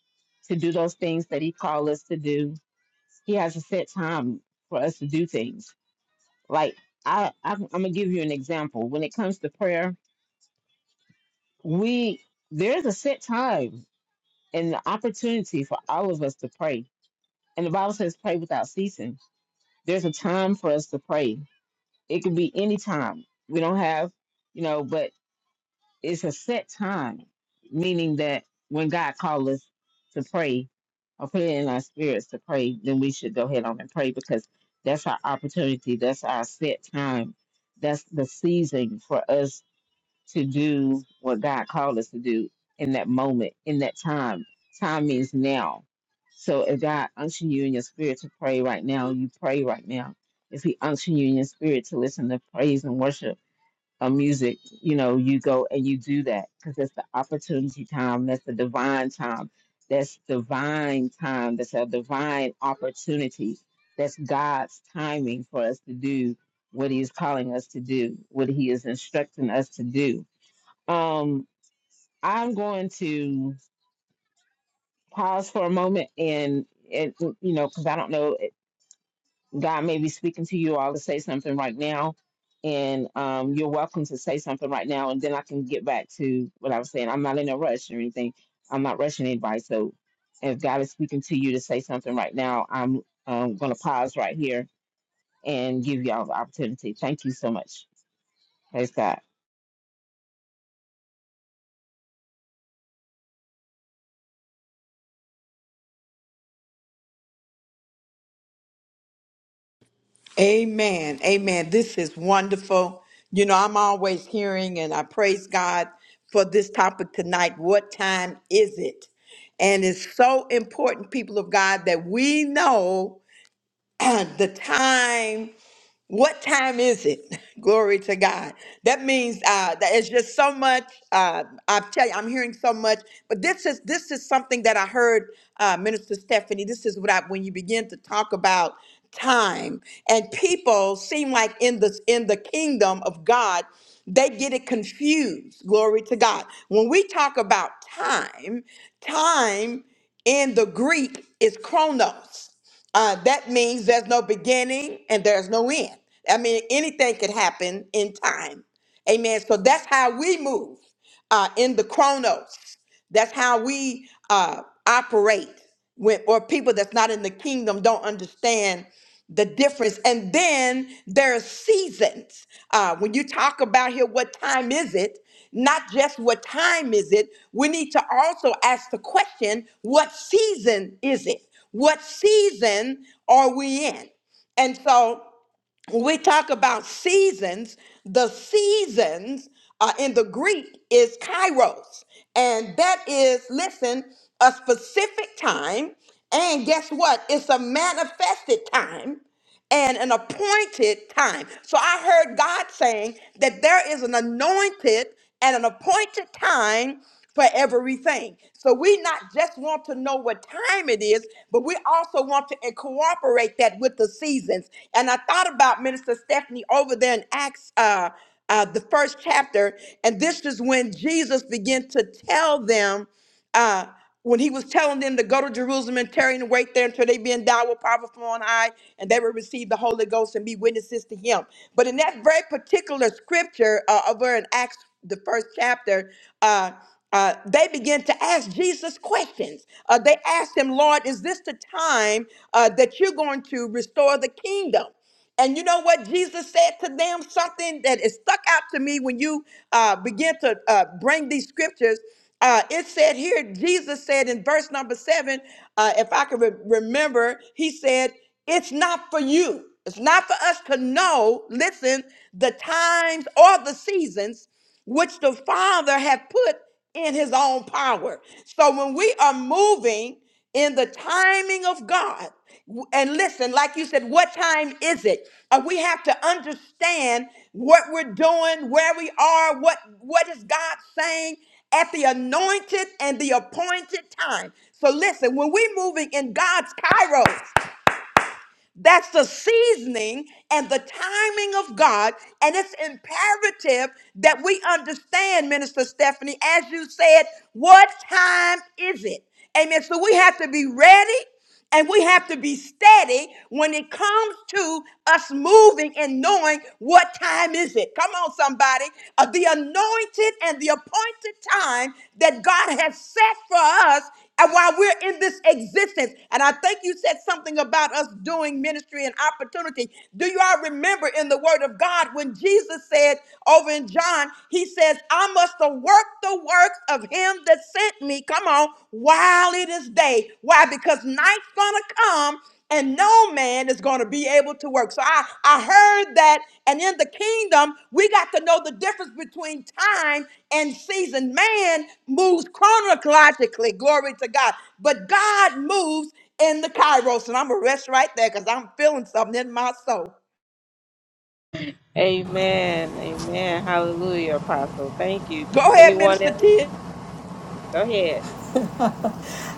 to do those things that He called us to do. He has a set time for us to do things. Like I, I'm, I'm gonna give you an example. When it comes to prayer, we there's a set time and the opportunity for all of us to pray. And the Bible says, "Pray without ceasing." There's a time for us to pray. It could be any time. We don't have, you know, but it's a set time, meaning that when God calls us to pray or put it in our spirits to pray, then we should go ahead on and pray because that's our opportunity. That's our set time. That's the season for us to do what God called us to do in that moment, in that time. Time means now. So if God unction you in your spirit to pray right now, you pray right now. If He unction you in your spirit to listen to praise and worship, uh, music, you know, you go and you do that because that's the opportunity time. That's the divine time. That's divine time. That's a divine opportunity. That's God's timing for us to do what He is calling us to do, what He is instructing us to do. Um, I'm going to pause for a moment and, and you know, because I don't know. God may be speaking to you all to say something right now, and um, you're welcome to say something right now, and then I can get back to what I was saying. I'm not in a rush or anything. I'm not rushing anybody. So if God is speaking to you to say something right now, I'm um, going to pause right here and give y'all the opportunity. Thank you so much. Praise God. Amen. Amen. This is wonderful. You know, I'm always hearing and I praise God for this topic tonight. What time is it? And it's so important, people of God, that we know the time what time is it? Glory to God. That means uh, that it's just so much. Uh, I tell you, I'm hearing so much. But this is this is something that I heard uh, Minister Stephanie. This is what I when you begin to talk about time and people seem like in the in the kingdom of God, they get it confused. Glory to God. When we talk about time, time in the Greek is chronos. Uh, that means there's no beginning and there's no end. I mean, anything could happen in time. Amen. So that's how we move uh, in the chronos. That's how we uh, operate. When, or people that's not in the kingdom don't understand the difference. And then there are seasons. Uh, when you talk about here, what time is it? Not just what time is it, we need to also ask the question what season is it? What season are we in? And so when we talk about seasons, the seasons uh, in the Greek is kairos. And that is, listen, a specific time. And guess what? It's a manifested time and an appointed time. So I heard God saying that there is an anointed and an appointed time for everything. So we not just want to know what time it is, but we also want to eh, cooperate that with the seasons. And I thought about Minister Stephanie over there in Acts, uh, uh, the first chapter, and this is when Jesus began to tell them uh, when he was telling them to go to Jerusalem and tarry and wait there until they be endowed with power from on high and they would receive the Holy Ghost and be witnesses to him. But in that very particular scripture uh, over in Acts, the first chapter, uh, uh, they began to ask Jesus questions. Uh, they asked him, Lord, is this the time uh, that you're going to restore the kingdom? And you know what Jesus said to them? Something that is stuck out to me when you uh, begin to uh, bring these scriptures. Uh, it said here, Jesus said in verse number seven, uh, if I can re- remember, he said, It's not for you. It's not for us to know, listen, the times or the seasons which the Father hath put in his own power. So when we are moving in the timing of God, w- and listen, like you said, what time is it? Uh, we have to understand what we're doing, where we are, what what is God saying at the anointed and the appointed time. So listen, when we're moving in God's kairos, that's the seasoning and the timing of God. And it's imperative that we understand, Minister Stephanie, as you said, what time is it? Amen. So we have to be ready and we have to be steady when it comes to us moving and knowing what time is it. Come on, somebody. Uh, the anointed and the appointed time that God has set for us and while we're in this existence, and I think you said something about us doing ministry and opportunity. Do you all remember in the Word of God when Jesus said over in John, He says, I must work the works of Him that sent me, come on, while it is day. Why? Because night's gonna come and no man is going to be able to work. So I, I heard that. And in the kingdom, we got to know the difference between time and season. Man moves chronologically, glory to God. But God moves in the kairos. And I'm going to rest right there because I'm feeling something in my soul. Amen. Amen. Hallelujah, Apostle. Thank you. Go ahead, Anyone Minister else? T. Go ahead.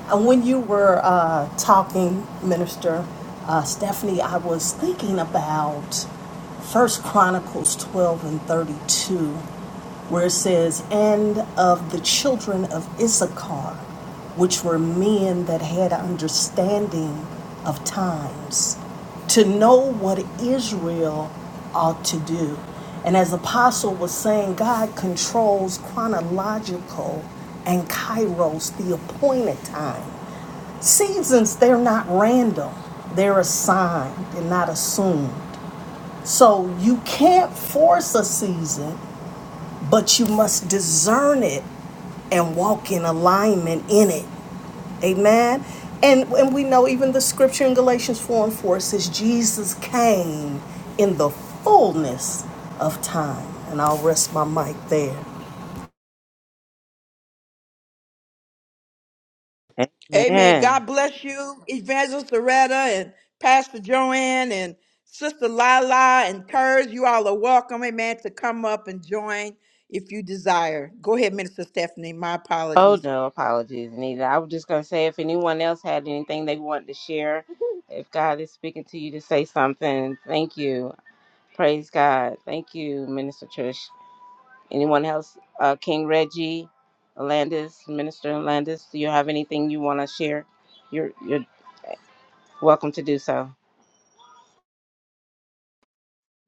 And when you were uh, talking, Minister uh, Stephanie, I was thinking about First Chronicles 12 and 32, where it says, And of the children of Issachar, which were men that had understanding of times to know what Israel ought to do. And as Apostle was saying, God controls chronological and kairos, the appointed time. Seasons, they're not random, they're assigned and not assumed. So you can't force a season but you must discern it and walk in alignment in it. Amen. And, and we know even the scripture in Galatians 4 and 4 says, Jesus came in the fullness of time. And I'll rest my mic there. Amen. Amen. God bless you, Evangelist Loretta and Pastor Joanne and Sister Lila and Kurz. You all are welcome, amen, to come up and join if you desire. Go ahead, Minister Stephanie. My Oh, apologies. Jesus. Anyone else had anything they wanted to share? If God is speaking to you to say something, thank you. Praise God. Thank you, Minister Trish. Anyone else? Uh, King Reggie, Landis, Minister Landis, do you have anything you want to share? You're you're welcome to do so.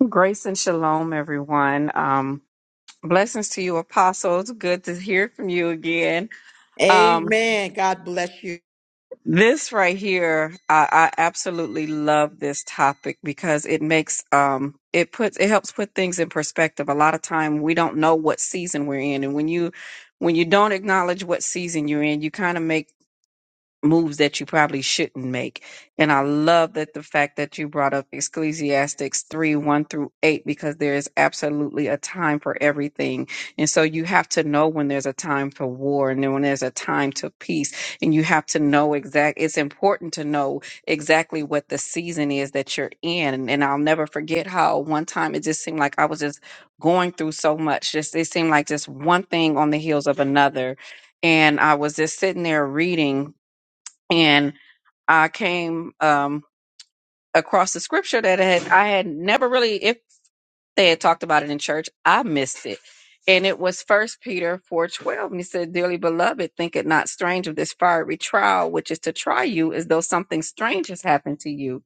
Grace and shalom, everyone. Um, blessings to you, apostles. Good to hear from you again. Um, Amen. God bless you. this right here, I, I absolutely love this topic because it makes um, it puts it helps put things in perspective. A lot of time we don't know what season we're in, and when you when you don't acknowledge what season you're in, you kind of make moves that you probably shouldn't make. And I love that the fact that you brought up Ecclesiastics 3 1 through 8, because there is absolutely a time for everything. And so you have to know when there's a time for war and then when there's a time to peace. And you have to know exact, it's important to know exactly what the season is that you're in. And I'll never forget how one time it just seemed like I was just going through so much. Just it seemed like just one thing on the heels of another and I was just sitting there reading and I came um, across the scripture that had I had never really, if they had talked about it in church, I missed it, and it was First Peter four twelve, and he said, "Dearly beloved, think it not strange of this fiery trial, which is to try you, as though something strange has happened to you."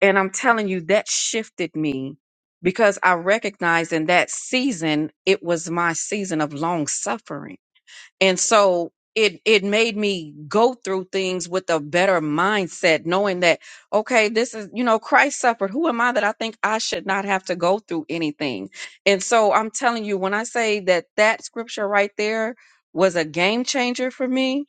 And I'm telling you, that shifted me because I recognized in that season it was my season of long suffering and so it it made me go through things with a better mindset knowing that okay this is you know christ suffered who am i that i think i should not have to go through anything and so i'm telling you when i say that that scripture right there was a game changer for me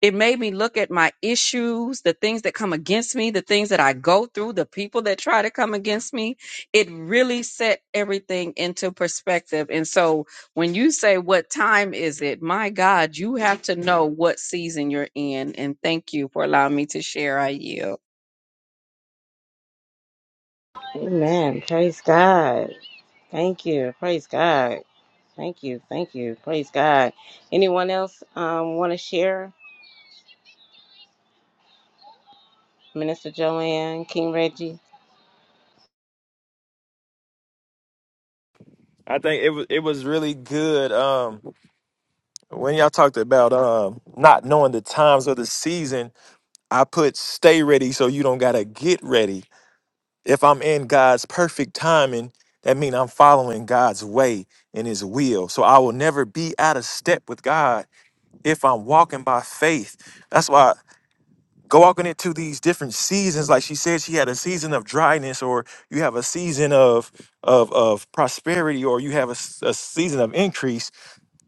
it made me look at my issues, the things that come against me, the things that I go through, the people that try to come against me. It really set everything into perspective. And so when you say, What time is it? My God, you have to know what season you're in. And thank you for allowing me to share. I yield. Amen. Praise God. Thank you. Praise God. Thank you. Thank you. Praise God. Anyone else um, want to share? Minister Joanne, King Reggie. I think it was it was really good. Um when y'all talked about um not knowing the times or the season, I put stay ready so you don't gotta get ready If I'm in God's perfect timing, that means I'm following God's way and His will. So I will never be out of step with God if I'm walking by faith. That's why go walking into these different seasons. Like she said, she had a season of dryness, or you have a season of of of prosperity, or you have a, s- a season of increase.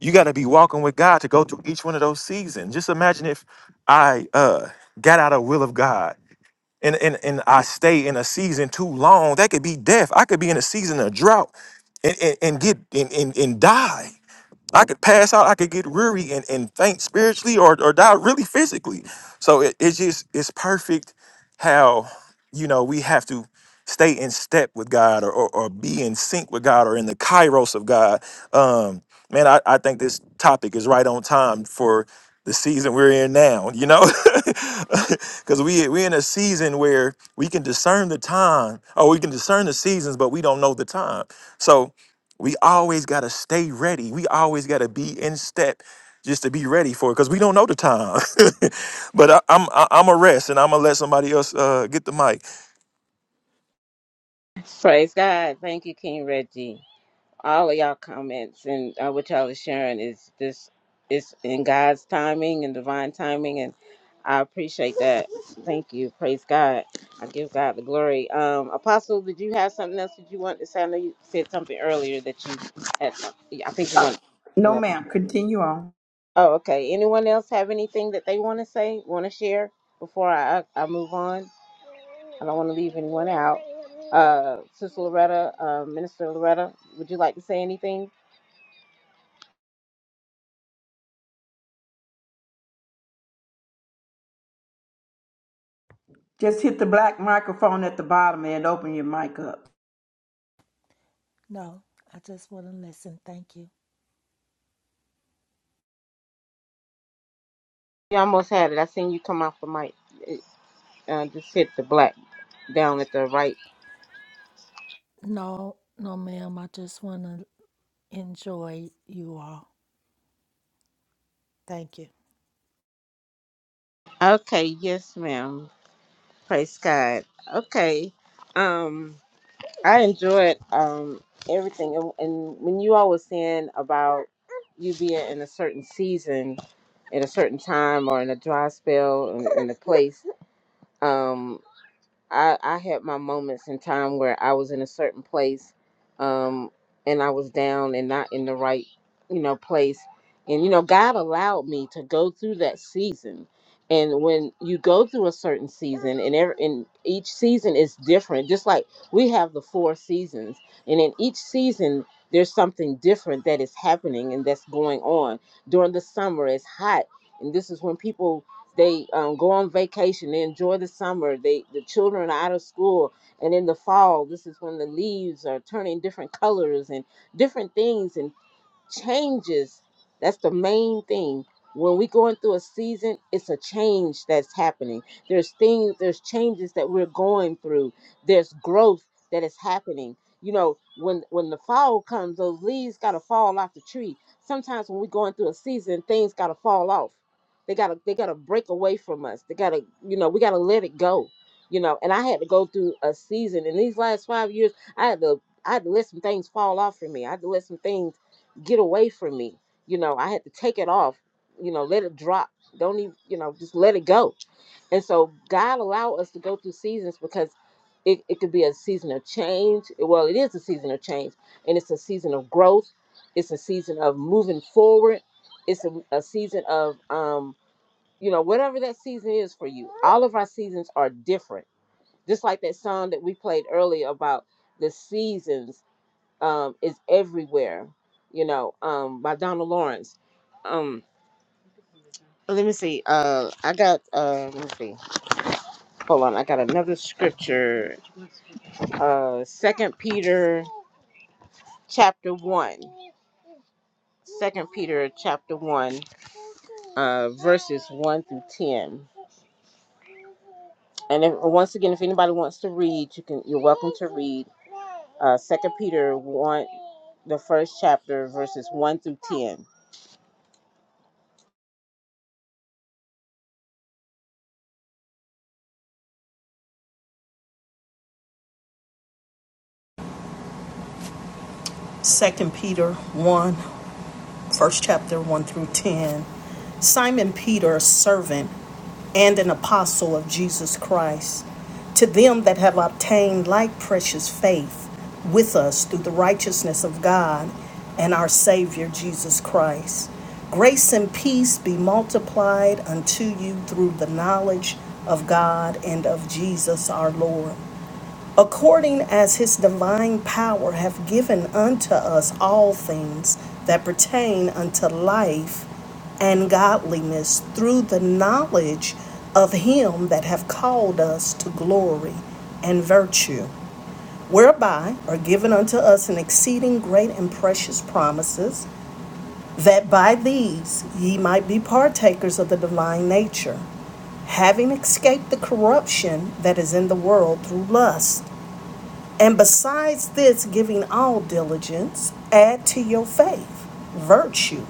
You got to be walking with God to go through each one of those seasons. Just imagine if I uh, got out of will of God and, and and I stay in a season too long, that could be death. I could be in a season of drought and, and, and get and, and, and die. I could pass out, I could get weary and, and faint spiritually or, or die really physically. So it, it's just it's perfect how you know we have to stay in step with God or, or, or be in sync with God or in the kairos of God. Um man, I, I think this topic is right on time for the season we're in now, you know? Cause we we are in a season where we can discern the time or we can discern the seasons, but we don't know the time. So we always got to stay ready. We always got to be in step just to be ready for it because we don't know the time. but I, I'm I, I'm a rest and I'm gonna let somebody else uh, get the mic. Praise God. Thank you, King Reggie. all of y'all comments and uh, what y'all are sharing is this is in God's timing and divine timing, and I appreciate that. Thank you. Praise God. I give God the glory. Um, Apostle, did you have something else that you wanted to say? I know you said something earlier that you had. some- yeah, I think you want. You No, know. ma'am. Continue on. Oh, okay. Anyone else have anything that they want to say, want to share before I, I I move on? I don't want to leave anyone out. Uh, Sister Loretta, uh, Minister Loretta, would you like to say anything? Just hit the black microphone at the bottom and open your mic up. No, I just want to listen. Thank you. You almost had it. I seen you come off the mic. It, uh, just hit the black down at the right. No, no, ma'am. I just want to enjoy you all. Thank you. Okay, yes, ma'am. Praise God. Okay, um, I enjoyed um everything, and, and when you all was saying about you being in a certain season, at a certain time, or in a dry spell, in, in a place. Um, I I had my moments in time where I was in a certain place, um, and I was down and not in the right, you know, place. And you know, God allowed me to go through that season. And when you go through a certain season, and every and each season is different. Just like we have the four seasons, and in each season there's something different that is happening and that's going on. During the summer, it's hot, and this is when people they um, go on vacation. They enjoy the summer. They the children are out of school, and in the fall, this is when the leaves are turning different colors and different things. and changes that's the main thing when we're going through a season it's a change that's happening there's things there's changes that we're going through there's growth that is happening you know when when the fall comes those leaves got to fall off the tree sometimes when we're going through a season things got to fall off they got to they got to break away from us they got to you know we got to let it go you know and i had to go through a season in these last five years i had to I had to let some things fall off for me. I had to let some things get away from me. You know, I had to take it off, you know, let it drop. Don't even, you know, just let it go. And so God allowed us to go through seasons because it, it could be a season of change. Well, it is a season of change, and it's a season of growth. It's a season of moving forward. It's a, a season of, um, you know, whatever that season is for you. All of our seasons are different. Just like that song that we played earlier about the seasons um, is everywhere. You know, um, by Donna Lawrence. Um, let me see. Uh, I got. Uh, let me see. Hold on. I got another scripture. Uh, Second Peter chapter one. Second Peter chapter one, uh, verses one through ten. And if, once again, if anybody wants to read, you can. You're welcome to read. Uh, Second Peter one, the first chapter, verses one through ten. Second Peter 1 First chapter 1 through 10. Simon Peter, a servant and an apostle of Jesus Christ, to them that have obtained like precious faith with us through the righteousness of God and our Savior Jesus Christ. Grace and peace be multiplied unto you through the knowledge of God and of Jesus our Lord according as his divine power hath given unto us all things that pertain unto life and godliness through the knowledge of him that hath called us to glory and virtue whereby are given unto us an exceeding great and precious promises that by these ye might be partakers of the divine nature having escaped the corruption that is in the world through lust and besides this, giving all diligence, add to your faith virtue,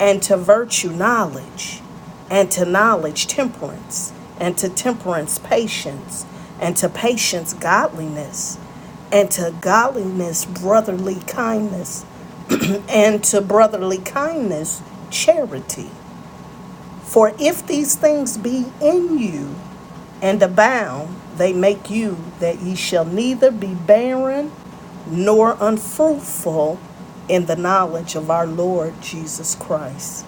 and to virtue knowledge, and to knowledge temperance, and to temperance patience, and to patience godliness, and to godliness brotherly kindness, and to brotherly kindness charity. For if these things be in you, and abound, they make you that ye shall neither be barren nor unfruitful in the knowledge of our Lord Jesus Christ.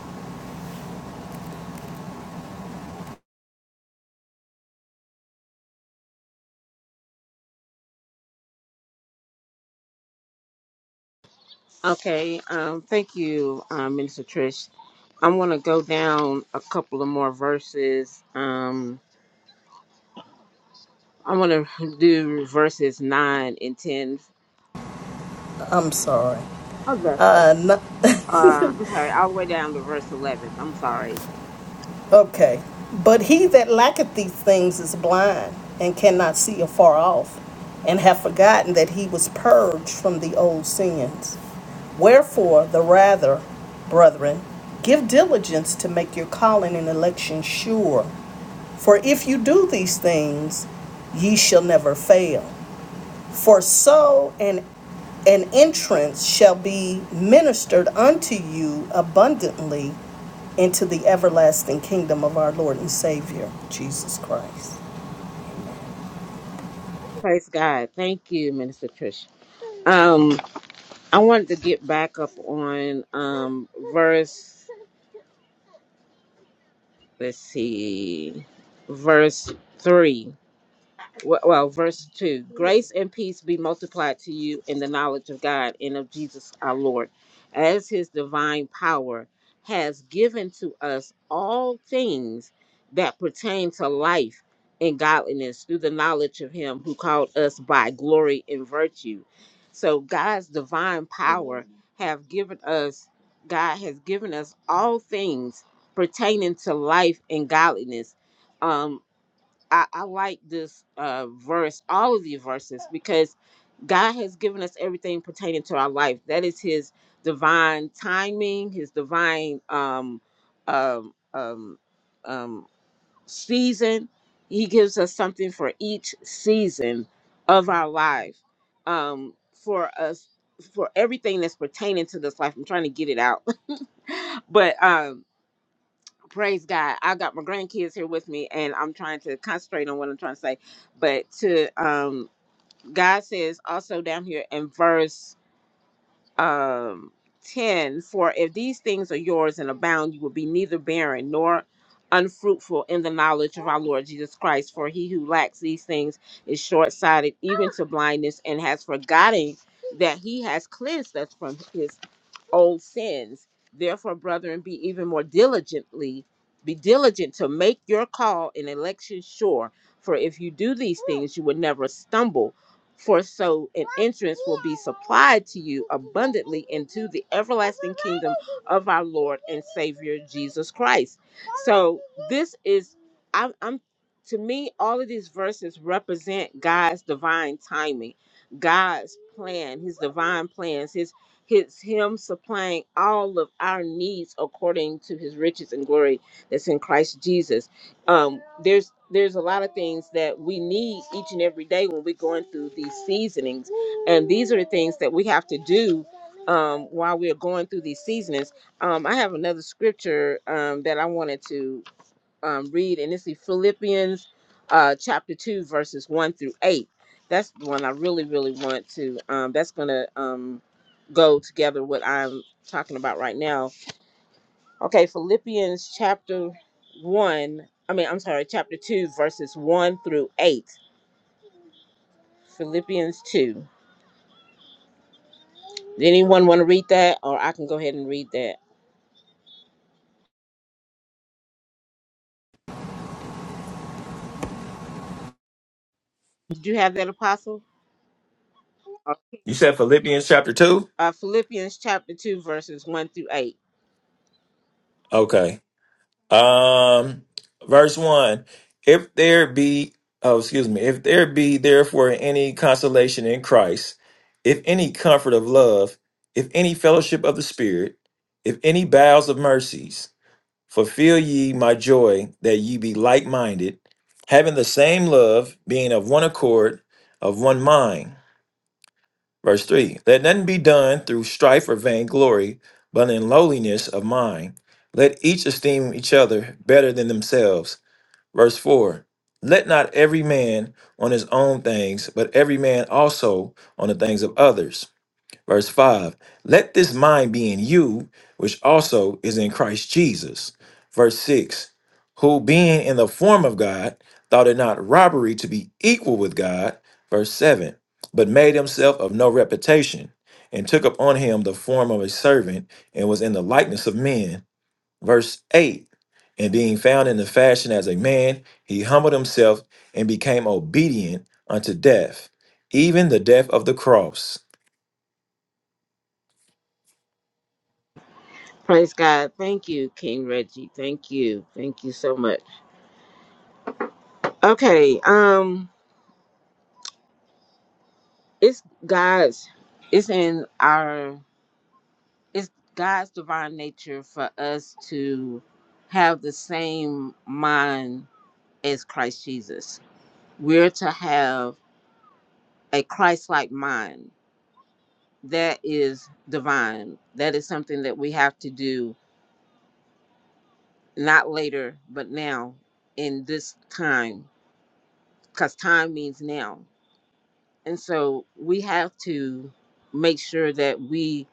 Okay, um, thank you, um, Minister Trish. I want to go down a couple of more verses. Um, I want to do verses 9 and 10. I'm sorry. Oh, that's so. Uh, no- Uh, I'm sorry, all the way down to verse 11. I'm sorry. okay. But he that lacketh these things is blind and cannot see afar off, and have forgotten that he was purged from the old sins. Wherefore, the rather, brethren, give diligence to make your calling and election sure. For if you do these things, ye shall never fail. For so an, an entrance shall be ministered unto you abundantly into the everlasting kingdom of our Lord and Savior, Jesus Christ. Praise God. Thank you, Minister Trish. Um, I wanted to get back up on um, verse, let's see, verse 3. Well, well, verse 2 Grace and peace be multiplied to you in the knowledge of God and of Jesus our Lord, as his divine power has given to us all things that pertain to life and godliness through the knowledge of him who called us by glory and virtue. So, God's divine power Mhm. have given us, God has given us all things pertaining to life and godliness. Um. I, I like this uh, verse, all of the verses, because God has given us everything pertaining to our life. That is His divine timing, His divine um, um, um, um, season. He gives us something for each season of our life, um, for us, for everything that's pertaining to this life. I'm trying to get it out, but. Um, praise God. I got my grandkids here with me and I'm trying to concentrate on what I'm trying to say. But to um God says also down here in verse um 10 for if these things are yours and abound you will be neither barren nor unfruitful in the knowledge of our Lord Jesus Christ for he who lacks these things is short-sighted even to blindness and has forgotten that he has cleansed us from his old sins. Therefore, brethren, be even more diligently, be diligent to make your call and election sure. For if you do these things, you will never stumble. For so an entrance will be supplied to you abundantly into the everlasting kingdom of our Lord and Savior Jesus Christ. So this is I'm I'm to me all of these verses represent God's divine timing, God's plan, his divine plans, his his him supplying all of our needs according to his riches and glory that's in Christ Jesus. Um there's there's a lot of things that we need each and every day when we're going through these seasonings and these are the things that we have to do um, while we're going through these seasons. Um, I have another scripture um, that I wanted to um, read, and this is Philippians uh, chapter 2, verses 1 through 8. That's the one I really, really want to. Um, that's going to um, go together with what I'm talking about right now. Okay, Philippians chapter 1. I mean, I'm sorry, chapter 2, verses 1 through 8. Philippians 2. Did anyone want to? Did you have that, Apostle? You said Philippians chapter two. Uh, Philippians chapter 2, 1 through 8. Okay. Um, verse one. If there be oh excuse me, if there be therefore any consolation in Christ, if any comfort of love, if any fellowship of the Spirit, if any bowels of mercies Fulfill ye my joy that ye be like minded, having the same love, being of one accord, of one mind. Verse 3 Let nothing be done through strife or vainglory, but in lowliness of mind. Let each esteem each other better than themselves. Verse 4 Let not every man on his own things, but every man also on the things of others. Verse 5 Let this mind be in you, which also is in Christ Jesus. Verse 6 Who being in the form of God, thought it not robbery to be equal with God. Verse 7 But made himself of no reputation, and took upon him the form of a servant, and was in the likeness of men. Verse 8 And being found in the fashion as a man, he humbled himself and became obedient unto death, even the death of the cross. Praise God. Thank you, King Reggie. Thank you. Thank you so much. Okay. Um, it's God's, it's in our, it's God's divine nature for us to have the same mind as Christ Jesus. We're to have a Christ like mind that is divine. That is something that we have to do not later, but now in this time because time means now. And so we have to make sure that we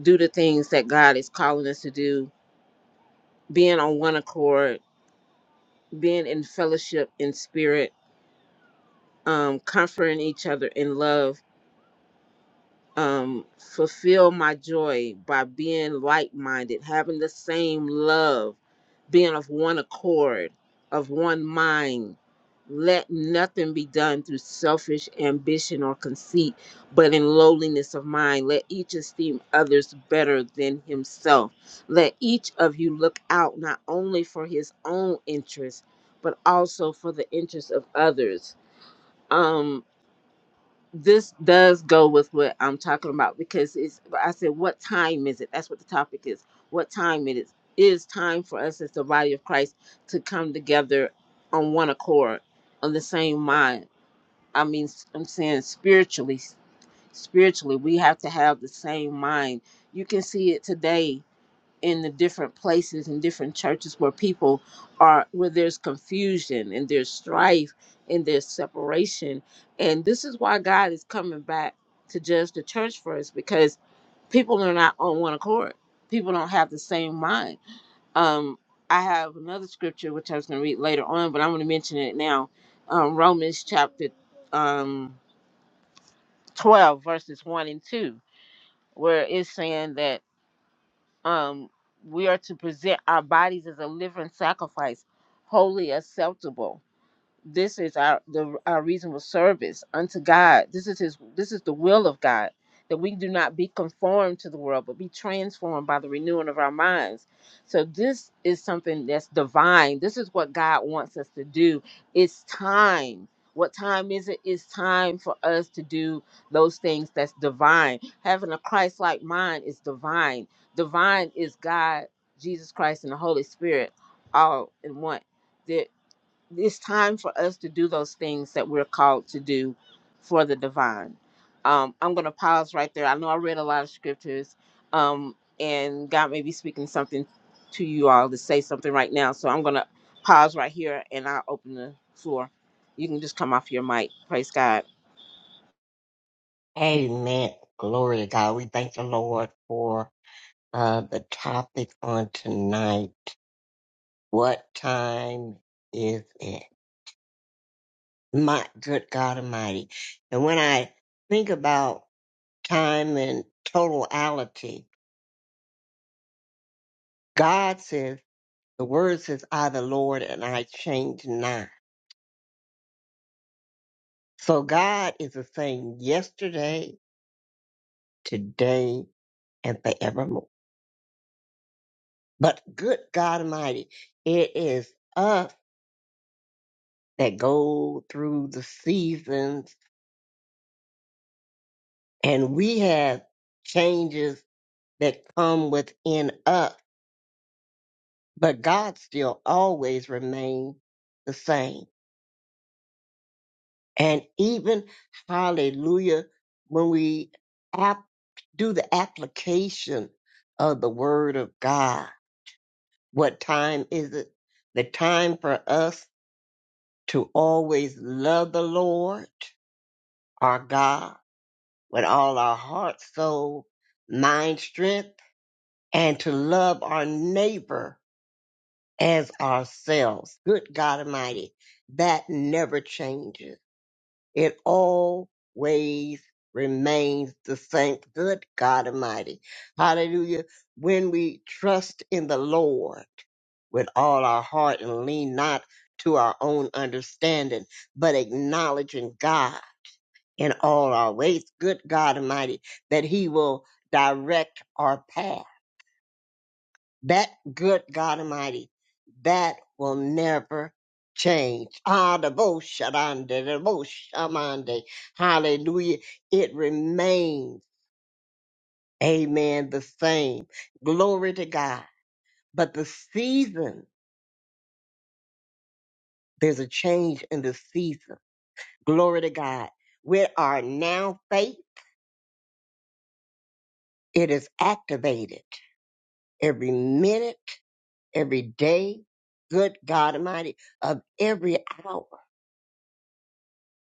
do the things that God is calling us to do, being on one accord, being in fellowship in spirit, um, comforting each other in love um, fulfill my joy by being like minded, having the same love, being of one accord, of one mind. Let nothing be done through selfish ambition or conceit, but in lowliness of mind. Let each esteem others better than himself. Let each of you look out not only for his own interest, but also for the interest of others. Um, this does go with what I'm talking about because it's I said what time is it? That's what the topic is. What time it is. It is time for us as the body of Christ to come together on one accord, on the same mind. I mean s- I'm saying spiritually spiritually we have to have the same mind. You can see it today in the different places and different churches where people are where there's confusion and there's strife and there's separation and this is why god is coming back to judge the church first because people are not on one accord people don't have the same mind um i have another scripture which i was going to read later on but i'm going to mention it now um romans chapter um 12 verses 1 and 2 where it's saying that Um, we are to present our bodies as a living sacrifice, wholly acceptable this is our the our reasonable service unto God. This is his this is the will of God that we do not be conformed to the world but be transformed by the renewing of our minds. So this is something that's divine. This is what God wants us to do. It's time. What time is it? It's time for us to do those things that's divine. Having a Christ-like mind is divine. Divine is God, Jesus Christ and the Holy Spirit all in one There it's time for us to do those things that we're called to do for the divine. Um, I'm going to pause right there. I know I read a lot of scriptures, um, and God may be speaking something to you all to say something right now. So I'm going to pause right here and I'll open the floor. You can just come off your mic. Praise God. Amen. Glory to God. We thank the Lord for uh, the topic on tonight. What time is it? My good God Almighty. And when I think about time and totality, God says, the word says, I, the Lord, and I change not. So God is the same yesterday, today, and forevermore. But good God Almighty, it is us that go through the seasons and we have changes that come within us, but God still always remains the same. And even hallelujah, when we ap- do the application of the word of God, what time is it? The time for us to always love the Lord our God with all our heart, soul, mind, strength and to love our neighbor as ourselves. Good God Almighty, that never changes. It always remains the same. Good God Almighty. Hallelujah. When we trust in the Lord with all our heart and lean not to our own understanding, but acknowledging God in all our ways. Good God Almighty, that He will direct our path That good God Almighty, that will never change. Ah, the bo shadande, the bo shamande. Hallelujah. It remains, amen, the same. Glory to God. But the season, there's a change in the season. Glory to God. With our now faith, it is activated every minute, every day, good God Almighty, of every hour.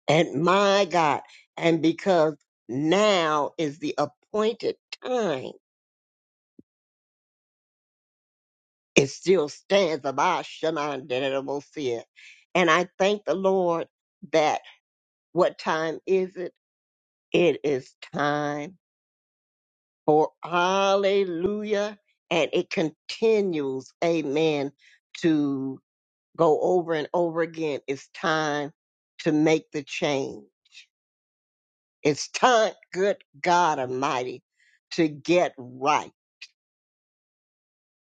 And my God, and because now is the appointed time, it still stands about Shaman Dedemosia. And I thank the Lord that what time is it? It is time for hallelujah. And it continues, amen, to go over and over again. It's time to make the change. It's time, good God Almighty, to get right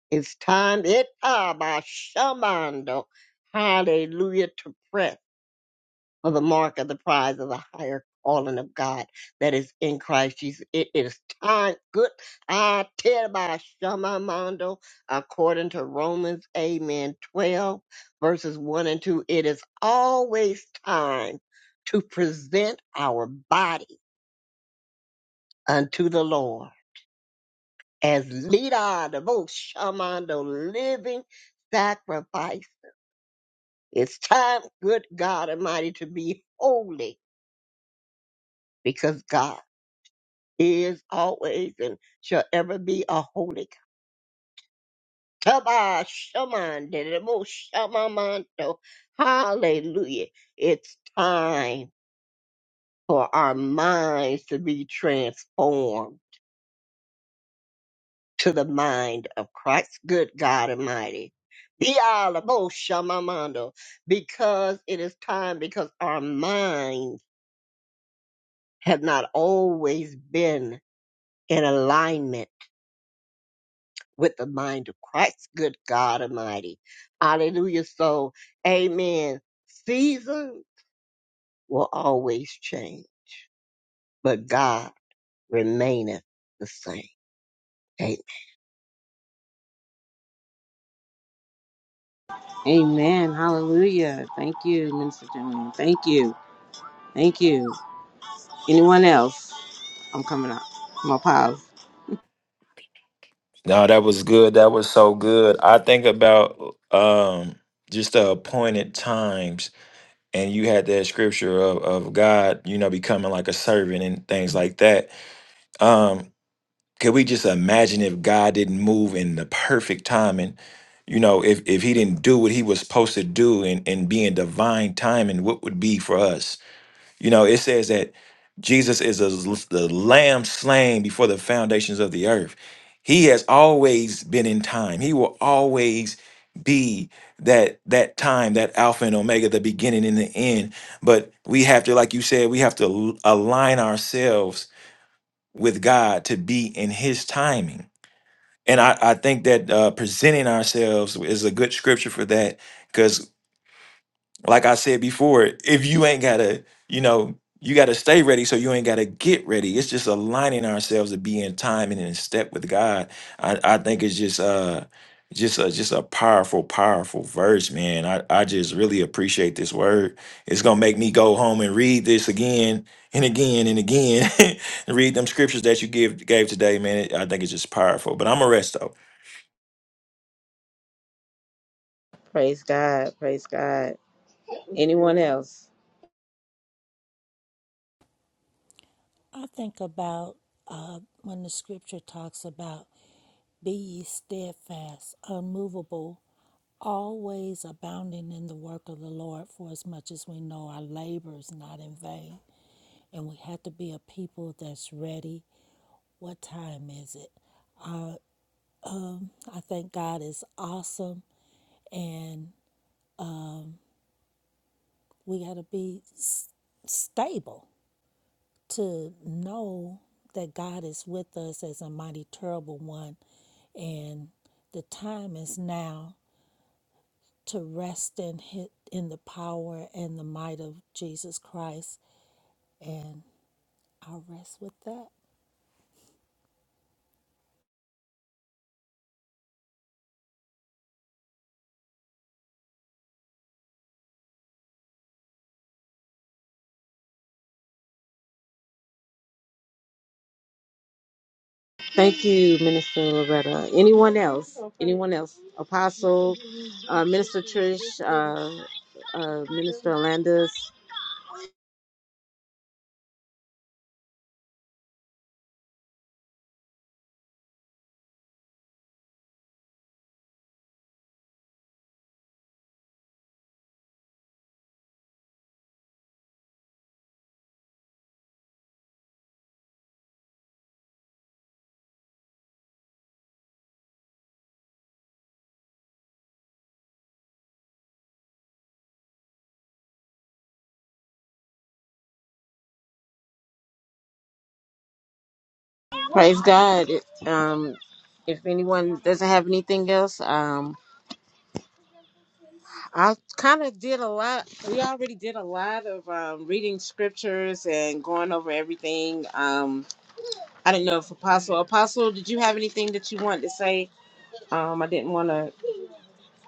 It's time, it by shamando, hallelujah, to press for the mark of the prize of the higher calling of God that is in Christ Jesus. It is time, good, I tell by shamando, according to Romans, amen, 12, verses 1 and 2. It is always time to present our body unto the Lord as lead our devotion, shamando, living sacrifice It's time, good God Almighty, to be holy because God is always and shall ever be a holy. God. Taba shaman dedemo shamamanto. Hallelujah. It's time for our minds to be transformed to the mind of Christ, good God Almighty. Be all about shamamando because it is time because our minds have not always been in alignment with the mind of Christ, good God Almighty. Hallelujah. So, amen. Season will always change, but God remaineth the same. Amen. Hallelujah. Thank you, Minister Joan. Thank you. Thank you. Anyone else? I'm coming up. I'm going to pause. No, that was good. That was so good. I think about um just the appointed times and you had that scripture of, of God, you know, becoming like a servant and things like that. Um, could we just imagine if God didn't move in the perfect timing? You know, if if he didn't do what he was supposed to do and, and be in divine timing, what would be for us? You know, it says that Jesus is a, the lamb slain before the foundations of the earth. He has always been in time. He will always be that that time, that alpha and omega, the beginning and the end. But we have to like you said, we have to l- align ourselves with God to be in his timing. And I, I think that uh, presenting ourselves is a good scripture for that like I said before, if you ain't gotta, you know, you gotta stay ready so you ain't gotta get ready. It's just aligning ourselves to be in time and in step with God. I, I think it's just uh just a just a powerful, powerful verse, man. I, I just really appreciate this word. It's gonna make me go home and read this again and again and again and read them scriptures that you give gave today, man. I think it's just powerful. But I'm a rest though. Praise God. Praise God. Anyone else? I think about uh, when the scripture talks about be ye steadfast, unmovable, always abounding in the work of the Lord, for as much as we know our labor is not in vain. And we have to be a people that's ready. What time is it? Uh, I think God is awesome. And We got to be s- stable to know that God is with us as a mighty, terrible one, and the time is now to rest in hi- in the power and the might of Jesus Christ. And I rest with that. Thank you, Minister Loretta. Anyone else? Anyone else? Apostle, uh, Minister Trish, uh, uh, Minister Alandis. Praise God. It, um, if anyone doesn't have anything else, um, I kind of did a lot. We already did a lot of um, reading scriptures and going over everything. Um, I didn't know if Apostle, Apostle, did you have anything that you wanted to say? Um, I didn't want to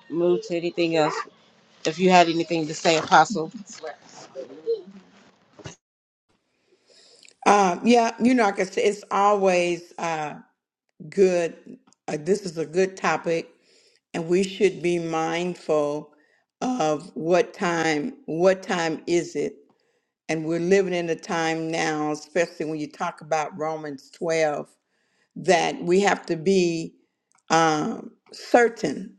move to anything else. If you had anything to say, Apostle. Um, yeah, you know, like I said, it's always uh, good. Uh, this is a good topic and we should be mindful of what time what time is it and we're living in a time now especially when you talk about romans 12 that we have to be um, certain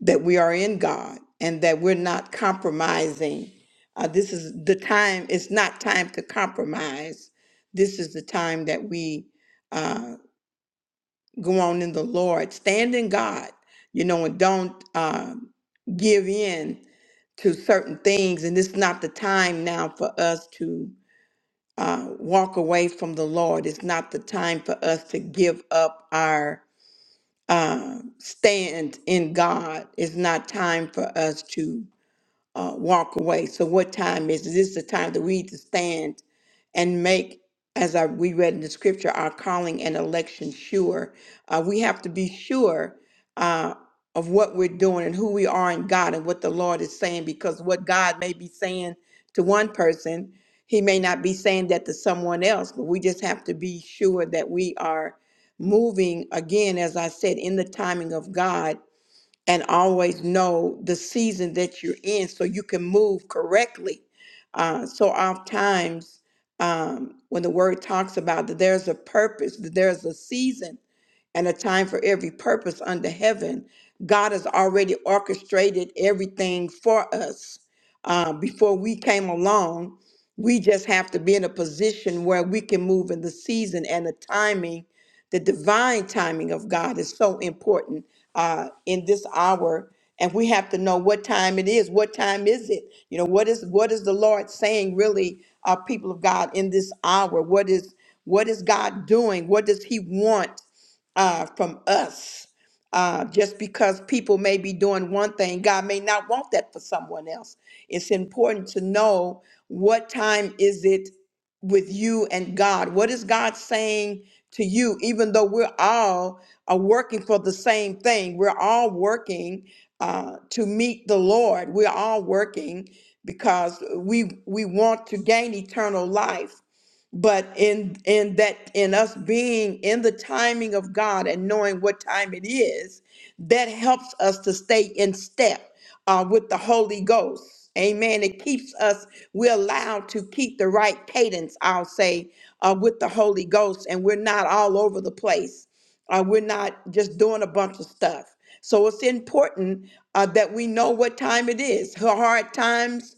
that we are in god and that we're not compromising uh, this is the time it's not time to compromise this is the time that we uh, go on in the Lord, stand in God, you know, and don't um, give in to certain things. And it's not the time now for us to uh, walk away from the Lord. It's not the time for us to give up our uh, stand in God. It's not time for us to uh, walk away. So what time is it? This is the time that we need to stand and make, as I, we read in the scripture, our calling and election sure. Uh, we have to be sure uh, of what we're doing and who we are in God and what the Lord is saying, because what God may be saying to one person, He may not be saying that to someone else. But we just have to be sure that we are moving again, as I said, in the timing of God and always know the season that you're in so you can move correctly. Uh, so oftentimes, um, when the word talks about that there's a purpose, that there's a season and a time for every purpose under heaven, God has already orchestrated everything for us. Uh, before we came along, we just have to be in a position where we can move in the season and the timing the divine timing of God is so important uh, in this hour, and we have to know what time it is. What time is it? You know, what is what is the Lord saying, really, uh, people of God, in this hour? What is what is God doing? What does He want uh, from us? Uh, just because people may be doing one thing, God may not want that for someone else. It's important to know what time is it with you and God. What is God saying? to you, even though we're all are working for the same thing. We're all working uh, to meet the Lord. We're all working because we we want to gain eternal life but in in that in us being in the timing of god and knowing what time it is that helps us to stay in step uh, with the holy ghost amen it keeps us we're allowed to keep the right cadence i'll say uh, with the holy ghost and we're not all over the place uh, we're not just doing a bunch of stuff so it's important uh, that we know what time it is hard times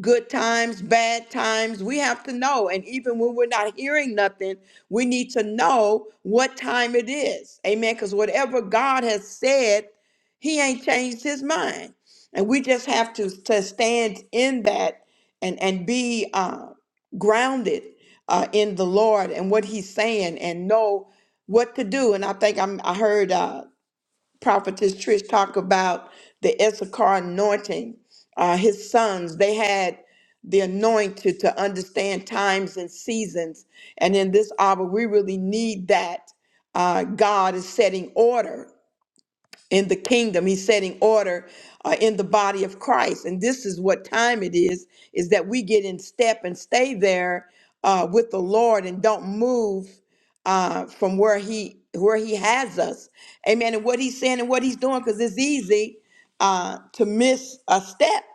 good times, bad times. We have to know. And even when we're not hearing nothing, we need to know what time it is. Amen. Because whatever God has said, He ain't changed His mind. And we just have to, to stand in that and, and be uh, grounded uh, in the Lord and what He's saying and know what to do. And I think I'm, I heard. Uh, Prophetess Trish talk about the Issachar anointing, uh, his sons, they had the anointed to understand times and seasons. And in this hour, we really need that. Uh, God is setting order in the kingdom. He's setting order uh, in the body of Christ. And this is what time it is, is that we get in step and stay there uh, with the Lord and don't move uh, from where he where he has us. Amen. And what he's saying and what he's doing, because it's easy uh, to miss a step.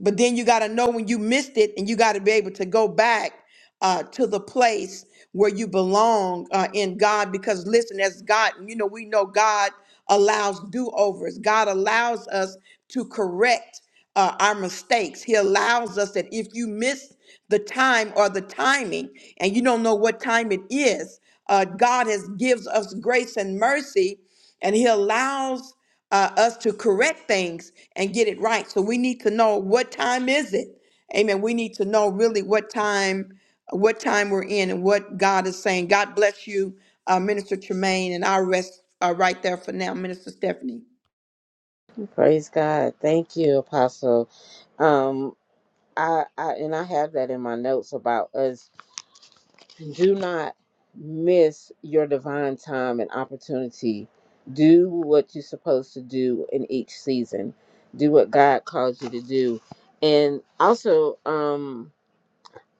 But then you got to know when you missed it, and you got to be able to go back uh, to the place where you belong uh, in God. Because listen, as God, you know, we know God allows do overs. God allows us to correct uh, our mistakes. He allows us that if you miss the time or the timing, and you don't know what time it is, uh, God has gives us grace and mercy, and He allows uh, us to correct things and get it right. So we need to know what time is it. Amen. We need to know really what time what time we're in and what God is saying. God bless you, uh, Minister Tremaine, and I'll rest uh, right there for now, Minister Stephanie. Praise God. Thank you, Apostle. Um, I, I and I have that in my notes about us. Do not miss your divine time and opportunity. Do what you're supposed to do in each season. Do what God calls you to do. And also, um,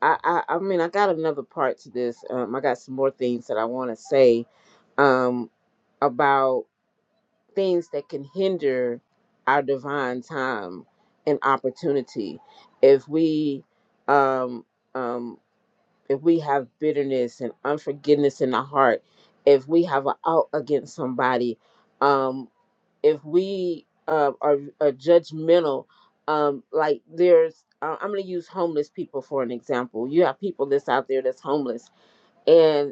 I, I, I mean, I got another part to this. Um, I got some more things that I want to say um, about. things that can hinder our divine time and opportunity if we um um if we have bitterness and unforgiveness in our heart if we have an out against somebody um if we uh, are, are judgmental um like there's uh, i'm going to use homeless people for an example you have people that's out there that's homeless and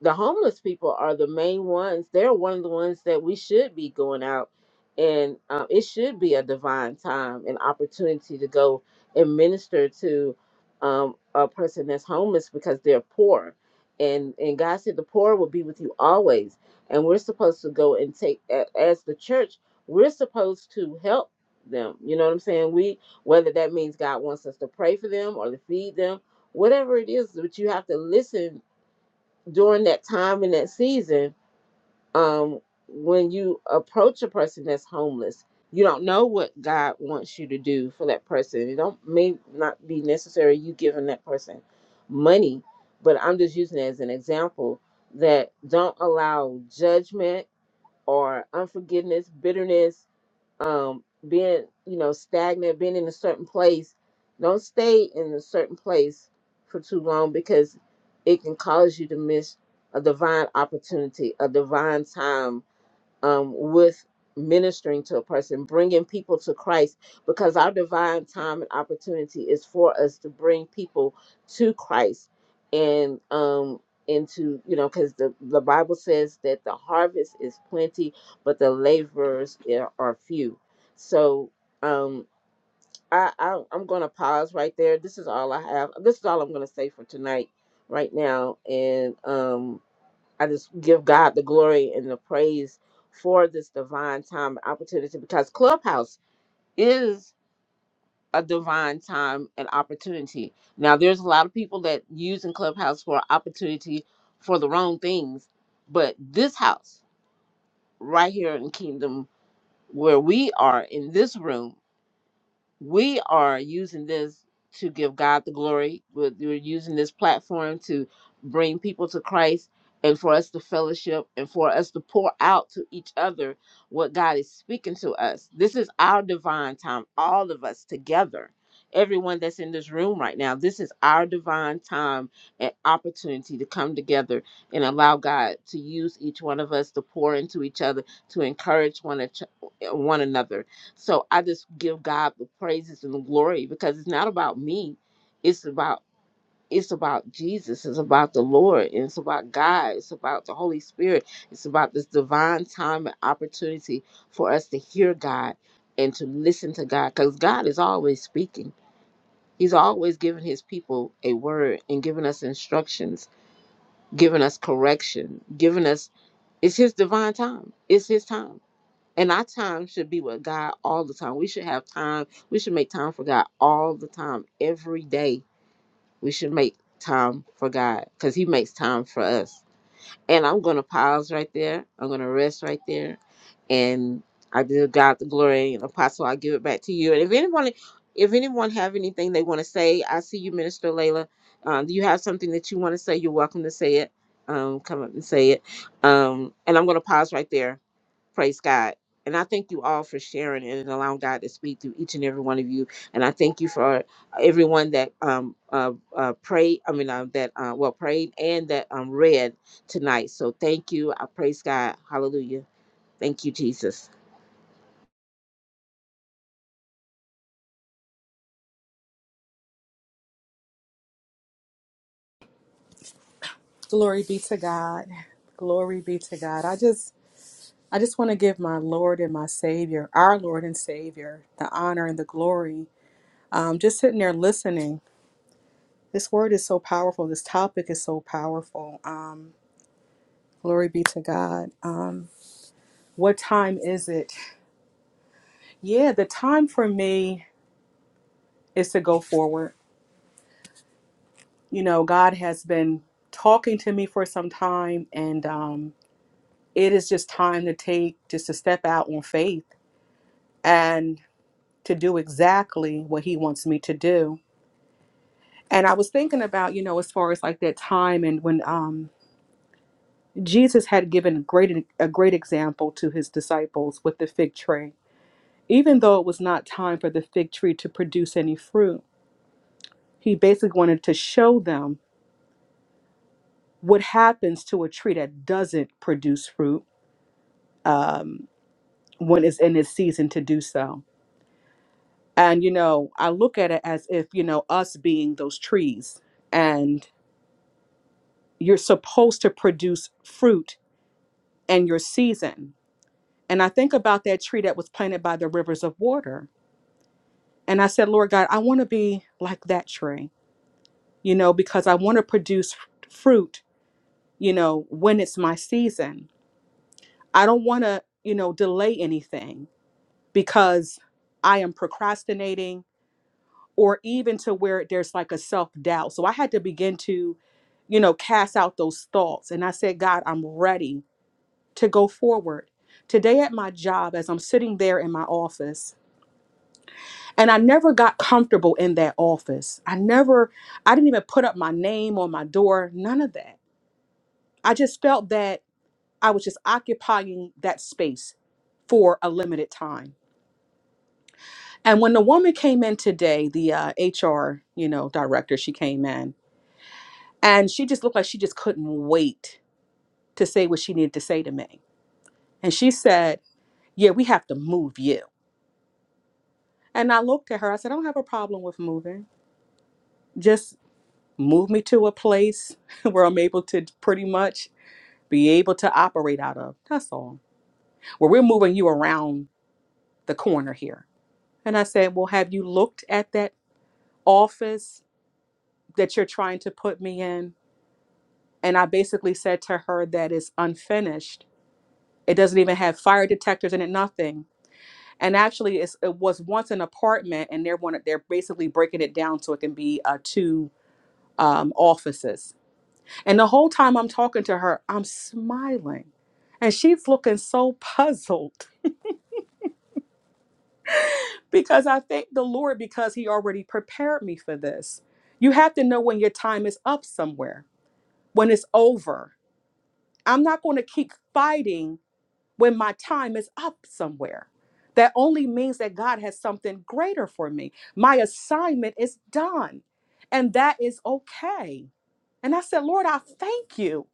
the homeless people are the main ones. They're one of the ones that we should be going out, and um, it should be a divine time, an opportunity to go and minister to um, a person that's homeless because they're poor, and and God said the poor will be with you always, and we're supposed to go and take a- as the church, we're supposed to help them. You know what I'm saying? We whether that means God wants us to pray for them or to feed them, whatever it is, but you have to listen during that time in that season, um, when you approach a person that's homeless, you don't know what God wants you to do for that person. It don't may not be necessary you giving that person money, but I'm just using it as an example that don't allow judgment or unforgiveness, bitterness, um, being you know stagnant, being in a certain place. Don't stay in a certain place for too long because it can cause you to miss a divine opportunity, a divine time um, with ministering to a person, bringing people to Christ, because our divine time and opportunity is for us to bring people to Christ and um into you know because the the bible says that the harvest is plenty but the laborers are are few so um I, I i'm gonna pause right there this is all i have this is all i'm gonna say for tonight right now and um I just give God the glory and the praise for this divine time and opportunity because Clubhouse is a divine time and opportunity. Now, there's a lot of people that using Clubhouse for opportunity for the wrong things, but this house right here in Kingdom, where we are in this room. we are using this to give God the glory. We're, we're using this platform to bring people to Christ and for us to fellowship and for us to pour out to each other what God is speaking to us. This is our divine time, all of us together. Everyone that's in this room right now, this is our divine time and opportunity to come together and allow God to use each one of us to pour into each other, to encourage one, ach- one another so I just give God the praises and the glory because it's not about me. It's about it's about Jesus. It's about the Lord. And it's about God. It's about the Holy Spirit. It's about this divine time and opportunity for us to hear God and to listen to God. Because God is always speaking. He's always giving his people a word and giving us instructions, giving us correction, giving us it's his divine time. It's his time. And our time should be with God all the time. We should have time. We should make time for God all the time. Every day, we should make time for God because He makes time for us. And I'm going to pause right there. I'm going to rest right there. And I give God the glory and apostle, I give it back to you. And if anyone, if anyone have anything they want to say, I see you, Minister Layla. Um, do you have something that you want to say? You're welcome to say it. Um, come up and say it. Um, and I'm going to pause right there. Praise God. And I thank you all for sharing and allowing God to speak through each and every one of you. And I thank you for everyone that um uh, uh prayed. I mean uh, that uh well prayed and that um read tonight. So thank you. I praise God. Hallelujah. Thank you, Jesus. Glory be to God. Glory be to God. I just I just want to give my Lord and my Savior, our Lord and Savior, the honor and the glory. Um, just sitting there listening. This word is so powerful. This topic is so powerful. Um, glory be to God. Um, what time is it? Yeah, the time for me is to go forward. You know, God has been talking to me for some time, and um, it is just time to take just to step out on faith. And to do exactly what he wants me to do. And I was thinking about, you know, as far as like that time and when um Jesus had given great a great example to his disciples with the fig tree. Even though it was not time for the fig tree to produce any fruit, he basically wanted to show them what happens to a tree that doesn't produce fruit um, when it's in its season to do so. And you know, I look at it as if you know us being those trees, and. you're supposed to produce fruit in your season. And I think about that tree that was planted by the rivers of water. And I said, Lord God, I want to be like that tree, you know, because I want to produce f- fruit, you know, when it's my season. I don't want to, you know, delay anything because I am procrastinating or even to where there's like a self doubt. So I had to begin to, you know, cast out those thoughts. And I said, God, I'm ready to go forward. Today at my job, as I'm sitting there in my office, and I never got comfortable in that office. I never, I didn't even put up my name on my door, none of that. I just felt that I was just occupying that space for a limited time. And when the woman came in today, the uh, HR, you know, director, she came in and she just looked like she just couldn't wait to say what she needed to say to me. And she said, Yeah, we have to move you. And I looked at her. I said, I don't have a problem with moving. Just move me to a place where I'm able to pretty much be able to operate out of. That's all. Well, we're moving you around the corner here. And I said, Well, have you looked at that office that you're trying to put me in? And I basically said to her that it's unfinished. It doesn't even have fire detectors in it, nothing. And actually, it's, it was once an apartment, and they're one, they're basically breaking it down so it can be uh, two um, offices And the whole time I'm talking to her, I'm smiling. And she's looking so puzzled because I thank the Lord because He already prepared me for this. You have to know when your time is up somewhere, when it's over. I'm not going to keep fighting when my time is up somewhere. That only means that God has something greater for me. My assignment is done, and that is okay. And I said, Lord, I thank you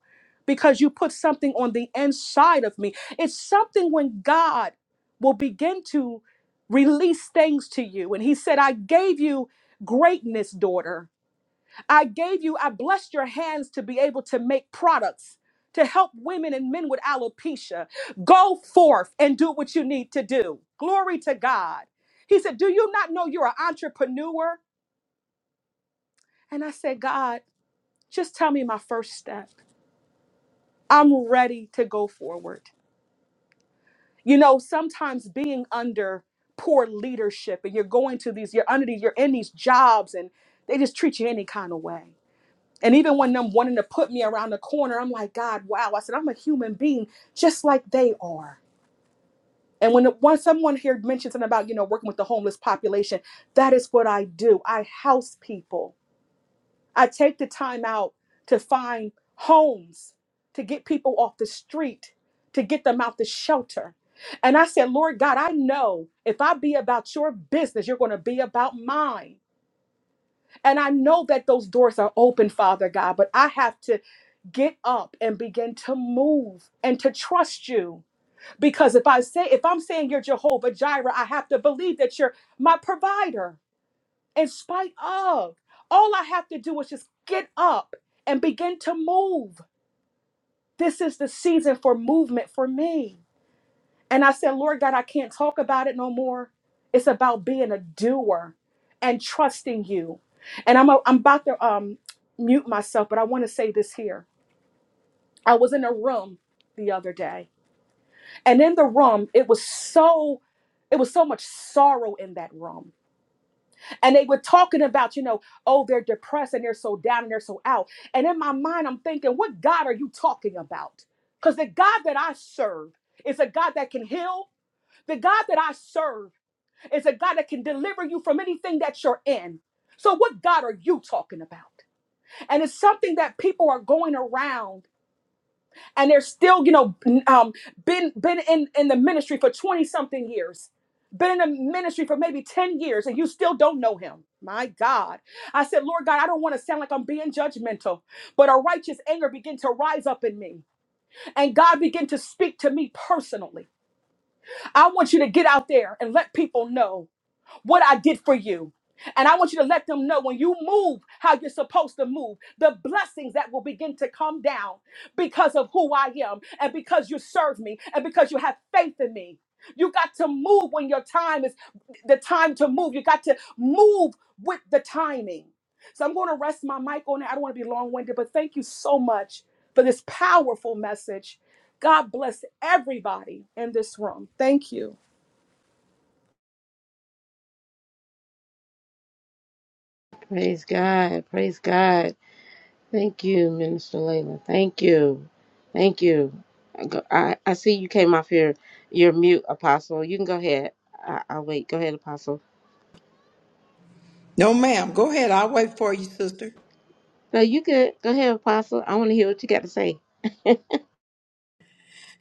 because you put something on the inside of me. It's something when God will begin to release things to you. And He said, I gave you greatness, daughter. I gave you, I blessed your hands to be able to make products to help women and men with alopecia. Go forth and do what you need to do. Glory to God. He said, Do you not know you're an entrepreneur? And I said, God, just tell me my first step. I'm ready to go forward. You know, sometimes being under poor leadership and you're going to these, you're under these, you're in these jobs and they just treat you any kind of way. And even when them wanting to put me around the corner, I'm like, God, wow. I said, I'm a human being just like they are. And when, when someone here mentions something about, you know, working with the homeless population, that is what I do. I house people. I take the time out to find homes, to get people off the street, to get them out the shelter. And I said, Lord God, I know if I be about your business, you're going to be about mine. And I know that those doors are open, Father God, but I have to get up and begin to move and to trust you. Because if I say, if I'm saying you're Jehovah Jireh, I have to believe that you're my provider in spite of. All I have to do is just get up and begin to move. This is the season for movement for me. And I said, Lord God, I can't talk about it no more. It's about being a doer and trusting you. And I'm, a, I'm about to um, mute myself, but I want to say this here. I was in a room the other day, and in the room, it was so. It was so much sorrow in that room. And they were talking about, you know, oh, they're depressed and they're so down and they're so out. And in my mind, I'm thinking, what God are you talking about? Because the God that I serve is a God that can heal, the God that I serve is a God that can deliver you from anything that you're in. So, what God are you talking about? And it's something that people are going around and they're still, you know, um, been been in, in the ministry for 20 something years, been in the ministry for maybe 10 years, and you still don't know him. My God. I said, Lord God, I don't want to sound like I'm being judgmental, but a righteous anger began to rise up in me. And God began to speak to me personally. I want you to get out there and let people know what I did for you. And I want you to let them know when you move how you're supposed to move, the blessings that will begin to come down because of who I am and because you serve me and because you have faith in me. You got to move when your time is the time to move. You got to move with the timing. So I'm going to rest my mic on it. I don't want to be long winded, but thank you so much for this powerful message. God bless everybody in this room. Thank you. Praise God. Praise God. Thank you, Minister Layla. Thank you. Thank you. I, go, I, I see you came off your, your mute, Apostle. You can go ahead. I, I'll wait. Go ahead, Apostle. No, ma'am. Go ahead. I'll wait for you, sister. No, you good. Go ahead, Apostle. I want to hear what you got to say.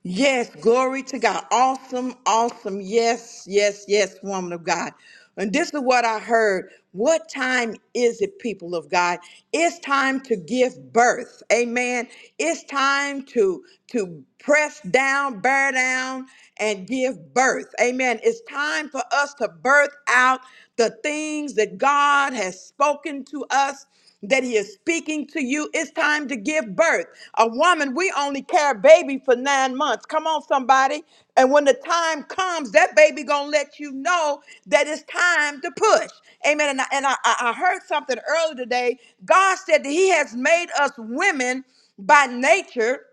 Yes, glory to God. Awesome, awesome. Yes, yes, yes, woman of God. And this is what I heard. What time is it, people of God? It's time to give birth. Amen. It's time to to press down, bear down, and give birth. Amen. It's time for us to birth out the things that God has spoken to us that he is speaking to you. It's time to give birth. A woman, we only carry a baby for nine months. Come on, somebody. And when the time comes, that baby gonna let you know that it's time to push. Amen. And I, and I, I I heard something earlier today. God said that He has made us women by nature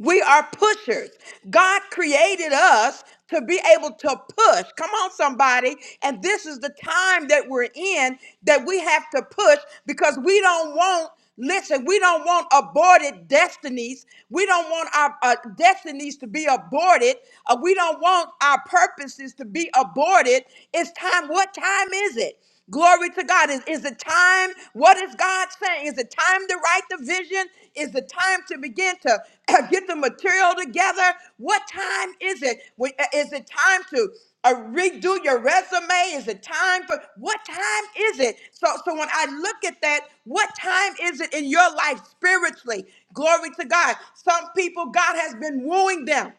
we are pushers. God created us to be able to push. Come on, somebody. And this is the time that we're in that we have to push because we don't want, listen, we don't want aborted destinies. We don't want our uh, destinies to be aborted. Uh, we don't want our purposes to be aborted. It's time. What time is it? Glory to God. Is, is it time? What is God saying? Is it time to write the vision? Is it time to begin to get the material together? What time is it? We- uh, Is it time to uh, redo your resume? Is it time for what time is it? So, so when I look at that, what time is it in your life spiritually? Glory to God. Some people, God has been wooing them.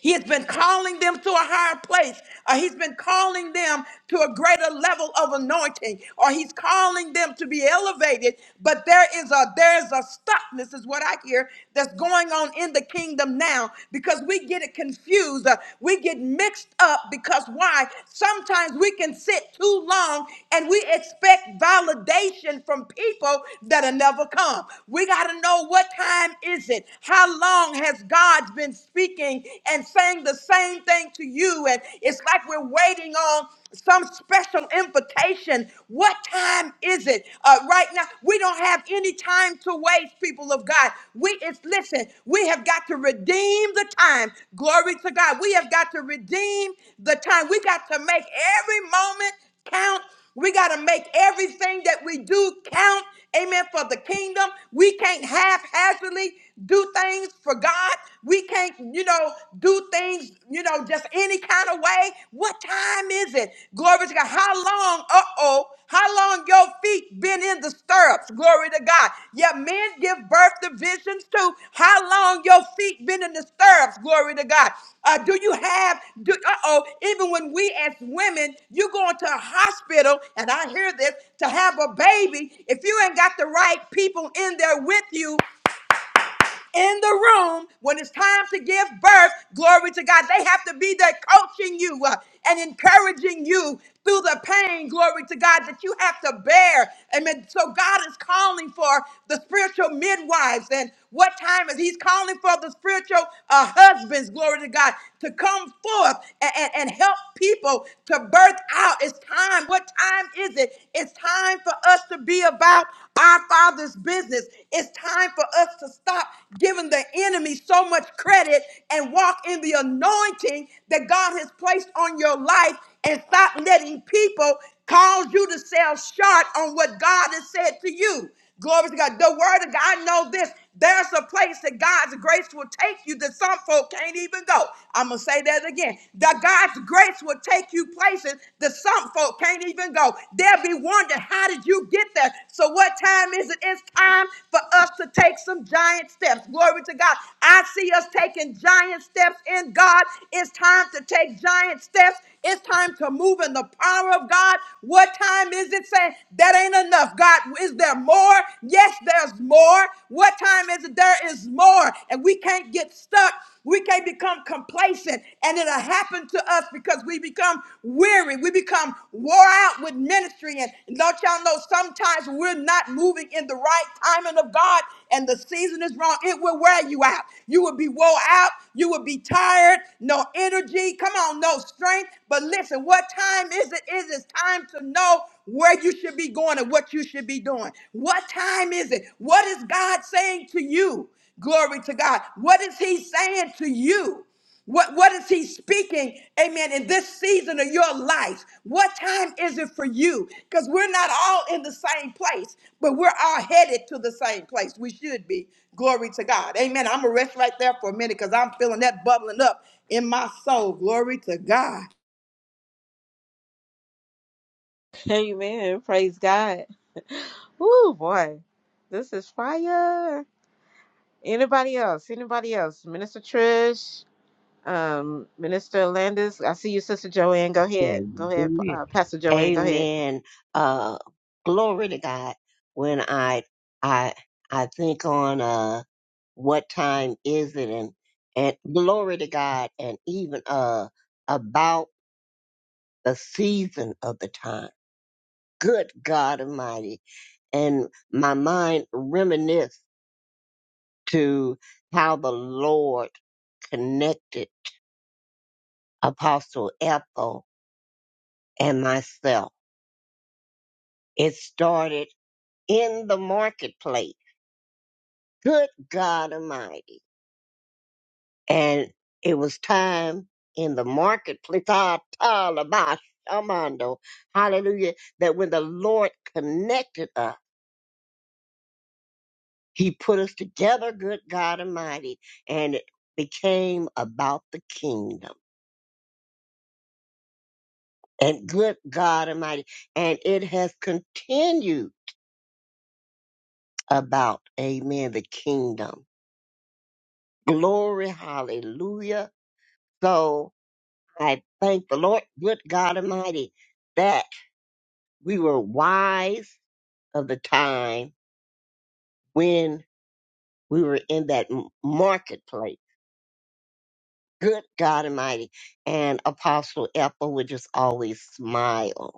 He has been calling them to a higher place, or He's been calling them to a greater level of anointing, or He's calling them to be elevated. But there is a there is a stuckness, is what I hear, that's going on in the kingdom now because we get it confused, uh, we get mixed up. Because why? Sometimes we can sit too long and we expect validation from people that'll never come. We got to know what time is it? How long has God God's been speaking and saying the same thing to you. And it's like we're waiting on some special invitation. What time is it? Uh, right now, we don't have any time to waste, people of God. We it's listen, we have got to redeem the time. Glory to God. We have got to redeem the time. We got to make every moment count we got to make everything that we do count, amen, for the kingdom. We can't haphazardly do things for God. We can't, you know, do things, you know, just any kind of way. What time is it? Glory to God. How long, uh oh, how long your feet been in the stirrups. Glory to God. Yet men give birth to visions too. How long your feet been in the stirrups? Glory to God. Uh, do you have? Do, uh-oh. Even when we as women, you going to a hospital, and I hear this to have a baby. If you ain't got the right people in there with you, in the room when it's time to give birth. Glory to God. They have to be there coaching you uh, and encouraging you through the pain, glory to God, that you have to bear. Amen. So God is calling for the spiritual midwives. And what time is He's calling for the spiritual uh, husbands, glory to God, to come forth and, and, and help people to birth out. It's time. What time is it? It's time for for us to be about our Father's business. It's time for us to stop giving the enemy so much credit and walk in the anointing that God has placed on your life and stop letting people cause you to sell short on what God has said to you. Glory to God. The word of God, I know this. There's a place that God's grace will take you that some folk can't even go. I'm going to say that again. That God's grace will take you places that some folk can't even go. They'll be wondering, how did you get there? So, what time is it? It's time for us to take some giant steps. Glory to God. I see us taking giant steps in God. It's time to take giant steps. It's time to move in the power of God. What time is it? Say, that ain't enough. God, is there more? Yes, there's more. What time is it? There is more. And we can't get stuck. We can't become complacent. And it'll happen to us because we become weary. We become wore out with ministry. And don't y'all know sometimes when we're not moving in the right timing of God and the season is wrong, it will wear you out. You will be wore out. You will be tired. No energy. Come on, no strength. But listen, what time is it? It is time to know where you should be going and what you should be doing. What time is it? What is God saying to you? Glory to God. What is He saying to you? What, what is he speaking, amen, in this season of your life? What time is it for you? Because we're not all in the same place, but we're all headed to the same place. We should be. Glory to God. Amen. I'm going to rest right there for a minute because I'm feeling that bubbling up in my soul. Glory to God. Amen. Praise God. Woo, boy. This is fire. Anybody else? Anybody else? Minister Trish, um, Minister Landis. I see you, Sister Joanne. Go ahead. Amen. Go ahead, Hallelujah. uh, Pastor Joanne. Go ahead. Amen. Uh, glory to God. When I, I, I think on, uh, what time is it and, and glory to God and even, uh, about the season of the time good God Almighty. And my mind reminisced to how the Lord connected Apostle Ethel and myself. It started in the marketplace. Good God Almighty. And it was time in the marketplace. Ah, Talabah, Shamando. Hallelujah. That when the Lord connected us, He put us together, good God Almighty, and it became about the kingdom. And good God Almighty, and it has continued about, amen, the kingdom. Glory, hallelujah. So I thank the Lord, good God Almighty, that we were wise of the time when we were in that m- marketplace. Good God Almighty. And Apostle Ethel would just always smile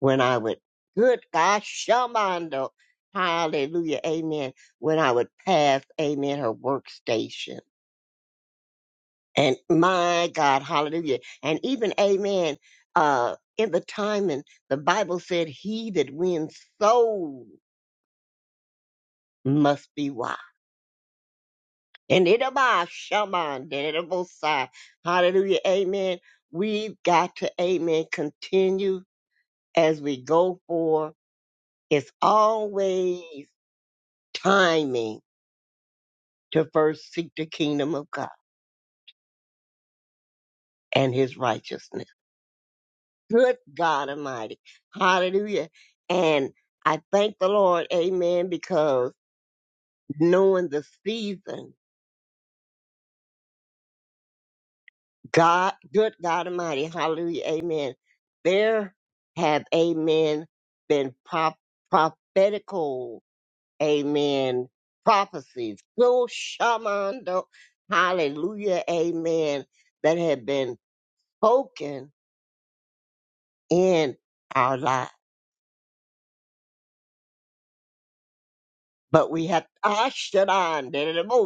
when I would, good gosh, Shamando, hallelujah, amen, when I would pass, amen, her workstation. And my God, hallelujah. And even, amen, uh, in the time and the Bible said, he that wins souls must be wise. And it about Shaman, it about side. Hallelujah, amen. We've got to, amen, continue as we go for. It's always timing to first seek the kingdom of God and his righteousness. Good God Almighty. Hallelujah. And I thank the Lord, amen, because knowing the season, God, good God Almighty, hallelujah, amen. There have, amen, been prop- prophetical, amen, prophecies. So shamando, hallelujah, amen, that have been spoken in our lives. But we have Ashtadan,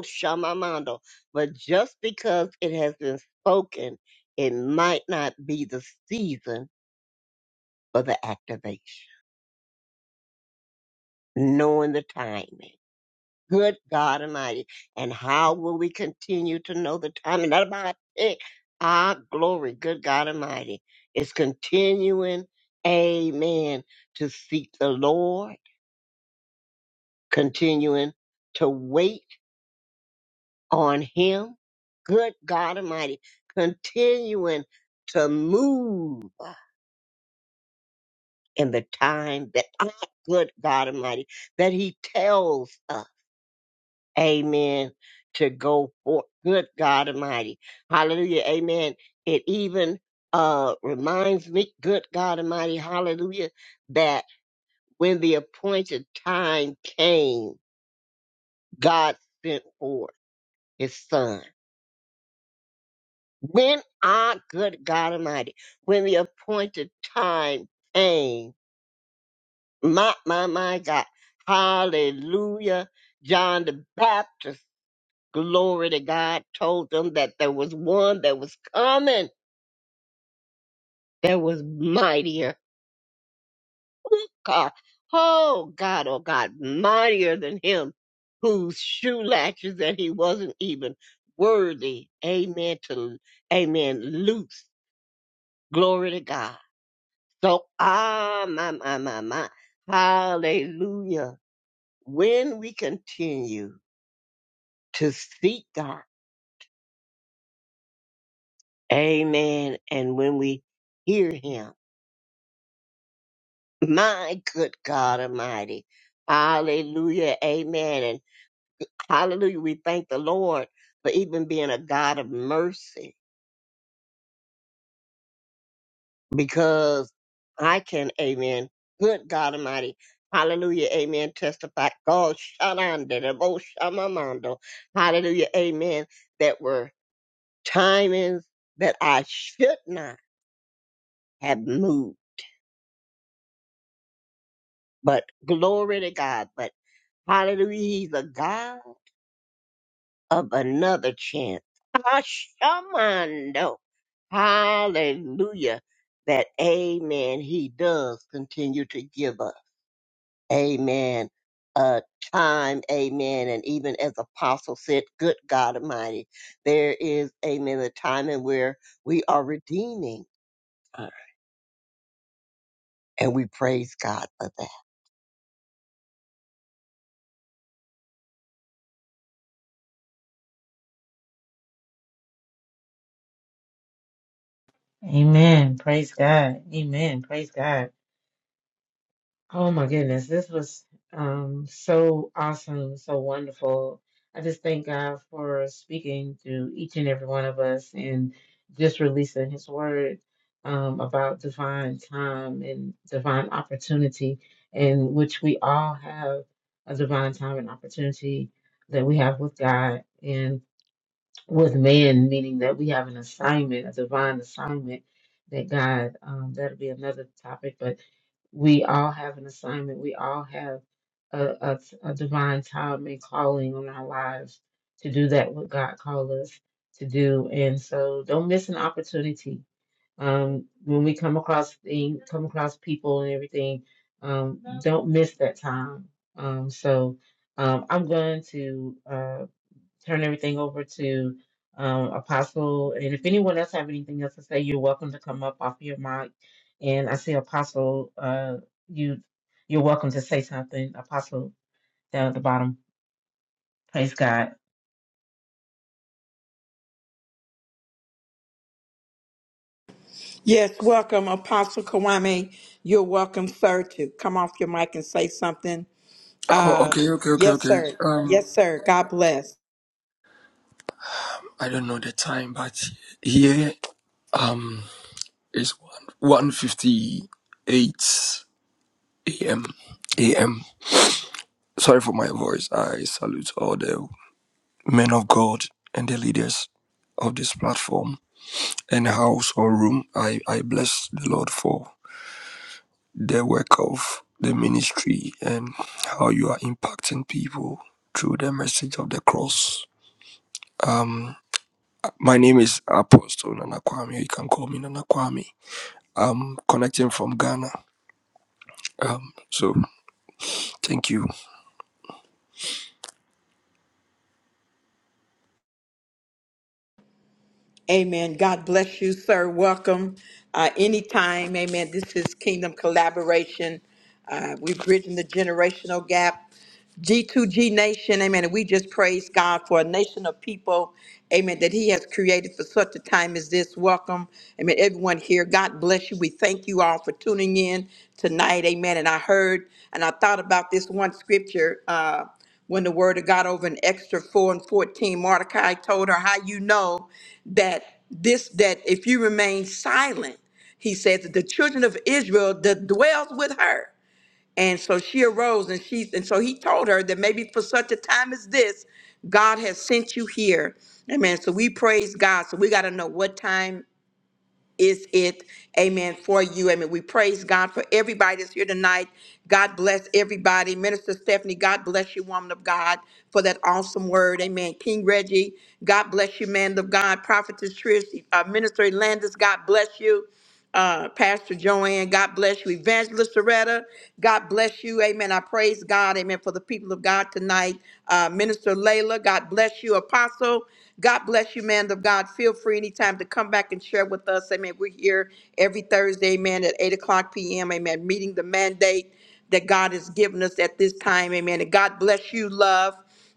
Shamamando. But just because it has been spoken, it might not be the season for the activation, knowing the timing. Good God Almighty. And how will we continue to know the timing? Not about it. Our glory, good God Almighty, is continuing, amen, to seek the Lord, continuing to wait on him. Good God Almighty, continuing to move in the time that I, good God Almighty, that he tells us, amen, to go forth. Good God Almighty. Hallelujah. Amen. It even uh reminds me, good God Almighty, hallelujah, that when the appointed time came, God sent forth his son When our good God Almighty, when the appointed time came, my, my, my God, hallelujah. John the Baptist, glory to God, told them that there was one that was coming that was mightier. Oh God, oh God, oh God, mightier than him, whose shoe latches that he wasn't even worthy. Amen to, amen, loose. Glory to God. So, ah, my, my, my, my. Hallelujah. When we continue to seek God, amen, and when we hear Him, my good God Almighty, hallelujah, amen, and hallelujah, we thank the Lord for even being a God of mercy. because I can, amen. Good God Almighty. Hallelujah, amen. Testify. God, shalanda, the most shamamando. Hallelujah, amen. That were timings that I should not have moved. But glory to God. But hallelujah, he's a God of another chance. Ah, shamando. Hallelujah. That amen, he does continue to give us. Amen. Uh, time, amen. And even as Apostle said, good God Almighty, there is, amen, a time in where we are redeeming time. And we praise God for that. Amen. Praise God. Amen. Praise God. Oh my goodness, this was um, so awesome, so wonderful. I just thank God for speaking to each and every one of us and just releasing His word um, about divine time and divine opportunity, in which we all have a divine time and opportunity that we have with God and with man, meaning that we have an assignment, a divine assignment that God, um, that'll be another topic, but we all have an assignment. We all have a, a, a divine time and calling on our lives to do that what God called us to do. And so don't miss an opportunity. Um, when we come across things, come across people and everything, um, don't miss that time. Um, so um, I'm going to. uh, turn everything over to um, Apostle. And if anyone else have anything else to say, you're welcome to come up off your mic. And I see Apostle, uh, you you're welcome to say something, Apostle, down at the bottom. Praise God. Yes, welcome, Apostle Kawame. You're welcome, sir, to come off your mic and say something. Oh, Uh, okay, okay, okay, yes, okay. sir. Um, Yes, sir. God bless. I don't know the time, but here um it's one one fifty eight a.m. a.m. Sorry for my voice. I salute all the men of God and the leaders of this platform and house or room. I I bless the Lord for the work of the ministry and how you are impacting people through the message of the cross. Um, My name is Apostle Nana Kwame. You can call me Nana Kwame. I'm connecting from Ghana. Um, so thank you. Amen. God bless you, sir. Welcome uh, anytime. Amen. This is Kingdom Collaboration. Uh, we're bridging the generational gap. G2G Nation, amen. And we just praise God for a nation of people, amen, that He has created for such a time as this. Welcome, amen, everyone here. God bless you. We thank you all for tuning in tonight, amen. And I heard and I thought about this one scripture uh, when the word of God over in Extra 4 and 14. Mordecai told her, How you know that this, that if you remain silent, he says, that the children of Israel that dwells with her. And so she arose and she and so he told her that maybe for such a time as this, God has sent you here. Amen. So we praise God. So we got to know what time is it, amen, for you. Amen. We praise God for everybody that's here tonight. God bless everybody. Minister Stephanie, God bless you, woman of God, for that awesome word. Amen. King Reggie, God bless you, man of God. Prophetess Trish, uh, Minister Landis, God bless you uh, Pastor Joanne. God bless you, Evangelist Soretta. God bless you. Amen. I praise God. Amen. For the people of God tonight. Uh, Minister Layla, God bless you. Apostle, God bless you, man of God. Feel free anytime to come back and share with us. Amen. We're here every Thursday, amen, at 8 o'clock p.m. Amen. Meeting the mandate that God has given us at this time. Amen. And God bless you, love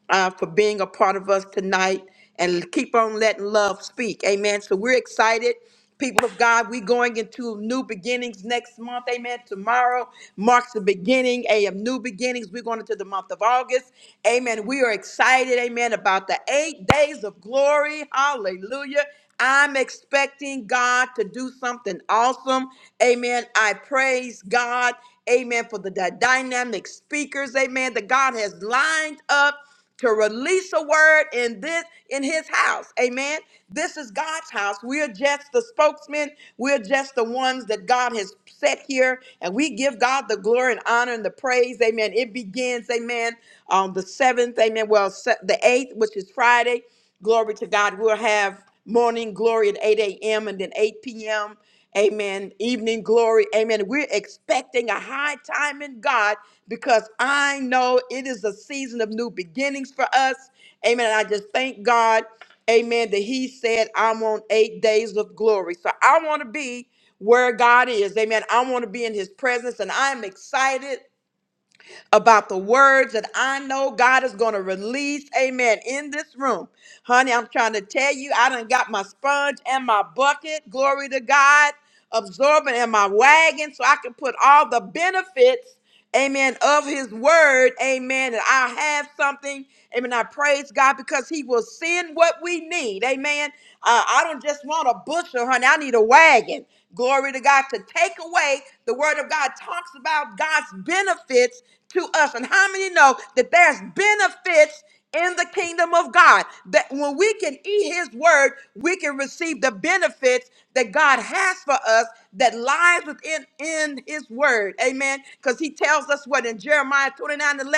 uh, for being a part of us tonight and keep on letting love speak. Amen. So we're excited. People of God, we going into new beginnings next month. Amen. Tomorrow marks the beginning of new beginnings. We're going into the month of August. Amen. We are excited. Amen. About the eight days of glory. Hallelujah. I'm expecting God to do something awesome. Amen. I praise God. Amen. For the dy- dynamic speakers. Amen. That God has lined up to release a word in this in his house. Amen. This is God's house. We're just the spokesmen. We're just the ones that God has set here. And we give God the glory and honor and the praise. Amen. It begins, amen, on the seventh, amen. Well, se- the eighth, which is Friday. Glory to God. We'll have morning glory at 8 a.m. and then 8 p.m. Amen. Evening glory. Amen. We're expecting a high time in God because I know it is a season of new beginnings for us. Amen. And I just thank God. Amen. That He said, I'm on eight days of glory. So I want to be where God is. Amen. I want to be in His presence and I'm excited about the words that I know God is going to release. Amen. In this room, honey, I'm trying to tell you, I done got my sponge and my bucket. Glory to God, absorbent and my wagon, so I can put all the benefits amen, of his word, amen, that I have something, amen, I praise God because he will send what we need, amen. Uh, I don't just want a bushel, honey, I need a wagon. Glory to God to take away the word of God talks about God's benefits to us. And how many know that there's benefits? in the kingdom of God. That when we can eat his word, we can receive the benefits that God has for us that lies within in his word. Amen. Because he tells us what in Jeremiah 29 11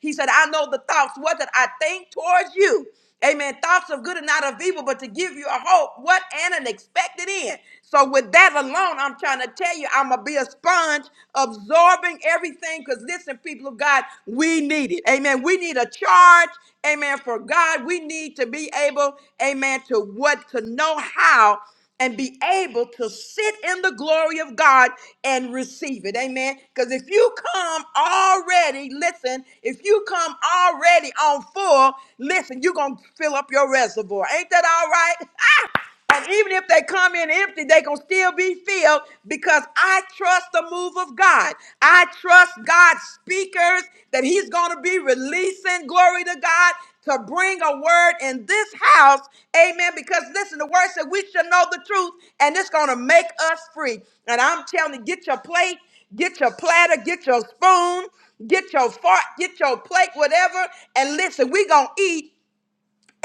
he said, I know the thoughts what that I think towards you. Amen. Thoughts of good and not of evil, but to give you a hope, what and an expected end. So, with that alone, I'm trying to tell you, I'm going to be a sponge absorbing everything. Because, listen, people of God, we need it. Amen. We need a charge. Amen. For God, we need to be able, amen, to what, to know how and be able to sit in the glory of God and receive it. Amen. Because if you come already, listen, if you come already on full, listen, you're going to fill up your reservoir. Ain't that all right? And even if they come in empty, they going to still be filled because I trust the move of God. I trust God's speakers that He's going to be releasing glory to God to bring a word in this house. Amen. Because listen, the word said we shall know the truth and it's going to make us free. And I'm telling you, get your plate, get your platter, get your spoon, get your fork, get your plate, whatever. And listen, we going to eat.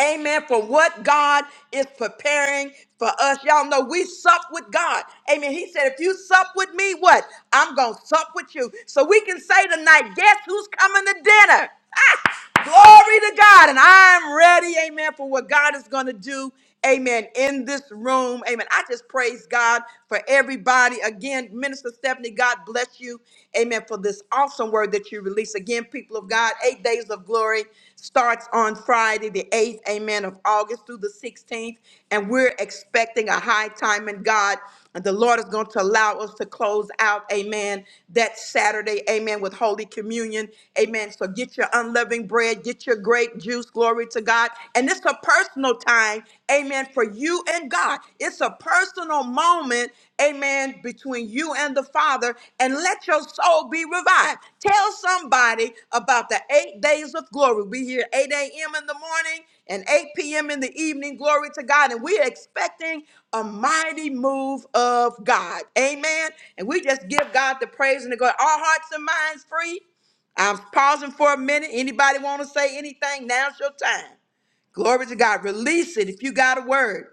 Amen. For what God is preparing for us. Y'all know we sup with God. Amen. He said, if you sup with me, what? I'm going to sup with you. So we can say tonight, guess who's coming to dinner? Glory to God. And I'm ready, amen, for what God is going to do, amen, in this room. Amen. I just praise God for everybody. Again, Minister Stephanie, God bless you, amen, for this awesome word that you release. Again, people of God, eight days of glory starts on Friday, the 8th, amen, of August through the 16th. And we're expecting a high time in God. And the Lord is going to allow us to close out, amen, that Saturday, amen, with Holy Communion, amen. So get your unleavened bread, get your grape juice, glory to God. And it's a personal time, amen, for you and God. It's a personal moment, amen, between you and the Father. And let your soul be revived. Tell somebody about the eight days of glory. We hear 8 a.m. in the morning and 8 p.m. in the evening. Glory to God. And we're expecting a mighty move of God. Amen. And we just give God the praise and the glory. Our hearts and minds free. I'm pausing for a minute. Anybody want to say anything? Now's your time. Glory to God. Release it if you got a word.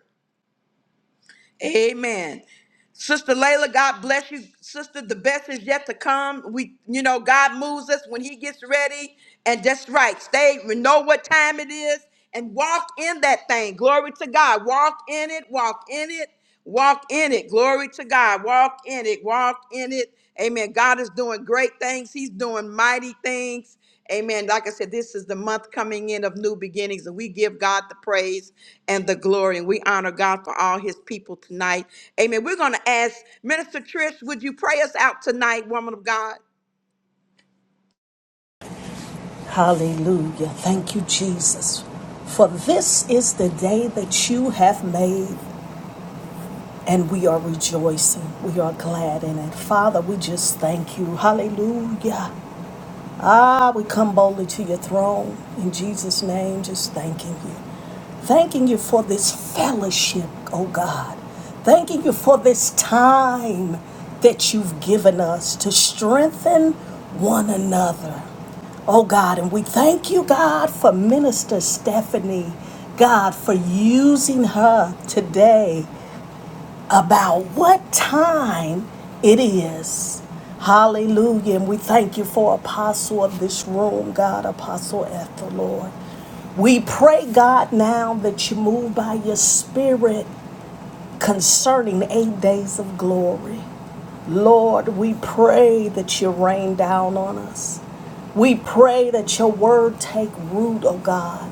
Amen. Sister Layla, God bless you. Sister, the best is yet to come. We, you know, God moves us when He gets ready. And that's right. Stay, we know what time it is, and walk in that thing. Glory to God. Walk in it, walk in it, walk in it. Glory to God. Walk in it, walk in it. Amen. God is doing great things. He's doing mighty things. Amen. Like I said, this is the month coming in of new beginnings, and we give God the praise and the glory, and we honor God for all his people tonight. Amen. We're going to ask Minister Trish, would you pray us out tonight, woman of God? Hallelujah. Thank you, Jesus. For this is the day that you have made, and we are rejoicing. We are glad in it. Father, we just thank you. Hallelujah. Ah, we come boldly to your throne in Jesus' name, just thanking you. Thanking you for this fellowship, oh God. Thanking you for this time that you've given us to strengthen one another. Oh God, and we thank you, God, for Minister Stephanie, God, for using her today about what time it is. Hallelujah. And we thank you for apostle of this room, God, apostle Ethel, Lord. We pray, God, now that you move by your spirit concerning eight days of glory. Lord, we pray that you rain down on us. We pray that your word take root, oh God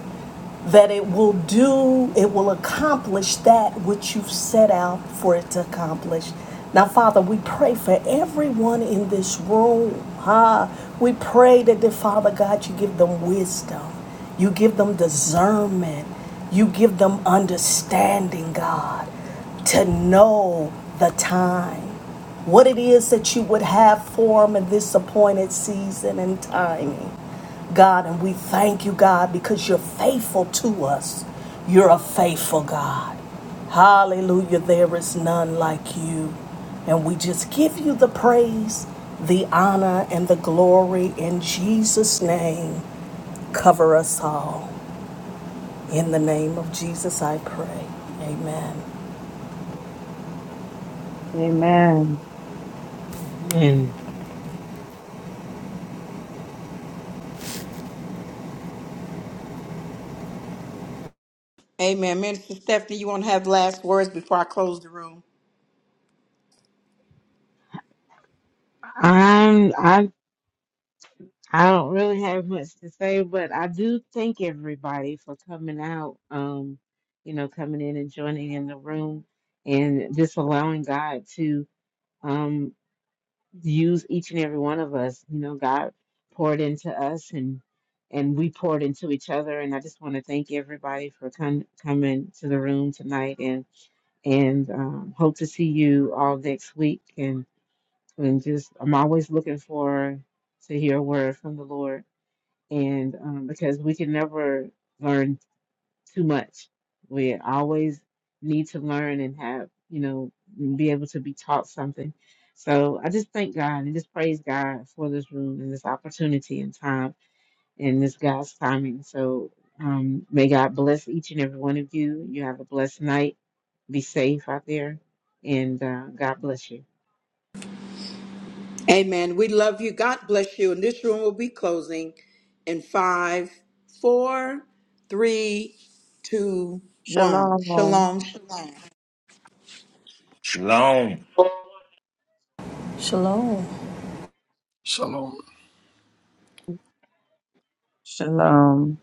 that it will do, it will accomplish that which you've set out for it to accomplish. Now, Father, we pray for everyone in this room. Ah, we pray that, the Father God, you give them wisdom, you give them discernment, you give them understanding, God, to know the time what it is that you would have for them in this appointed season and timing. God, and we thank you, God, because you're faithful to us. You're a faithful God. Hallelujah. There is none like you. And we just give you the praise, the honor, and the glory in Jesus' name. Cover us all. In the name of Jesus, I pray. Amen. Amen. And Amen. Minister Stephanie, you want to have last words before I close the room? I'm I I don't really have much to say, but I do thank everybody for coming out, um, you know, coming in and joining in the room and just allowing God to um use each and every one of us. You know, God poured into us and and we poured into each other. And I just want to thank everybody for com- coming to the room tonight and and um, hope to see you all next week. And and just I'm always looking for to hear a word from the Lord. And um, because we can never learn too much. We always need to learn and have, you know, be able to be taught something. So I just thank God and just praise God for this room and this opportunity and time and this God's timing. So um, may God bless each and every one of you. You have a blessed night. Be safe out there. And uh, God bless you. Amen. We love you. God bless you. And this room will be closing in five, four, three, two, one. Shalom. Shalom, shalom. Shalom. Shalom. Shalom. Shalom.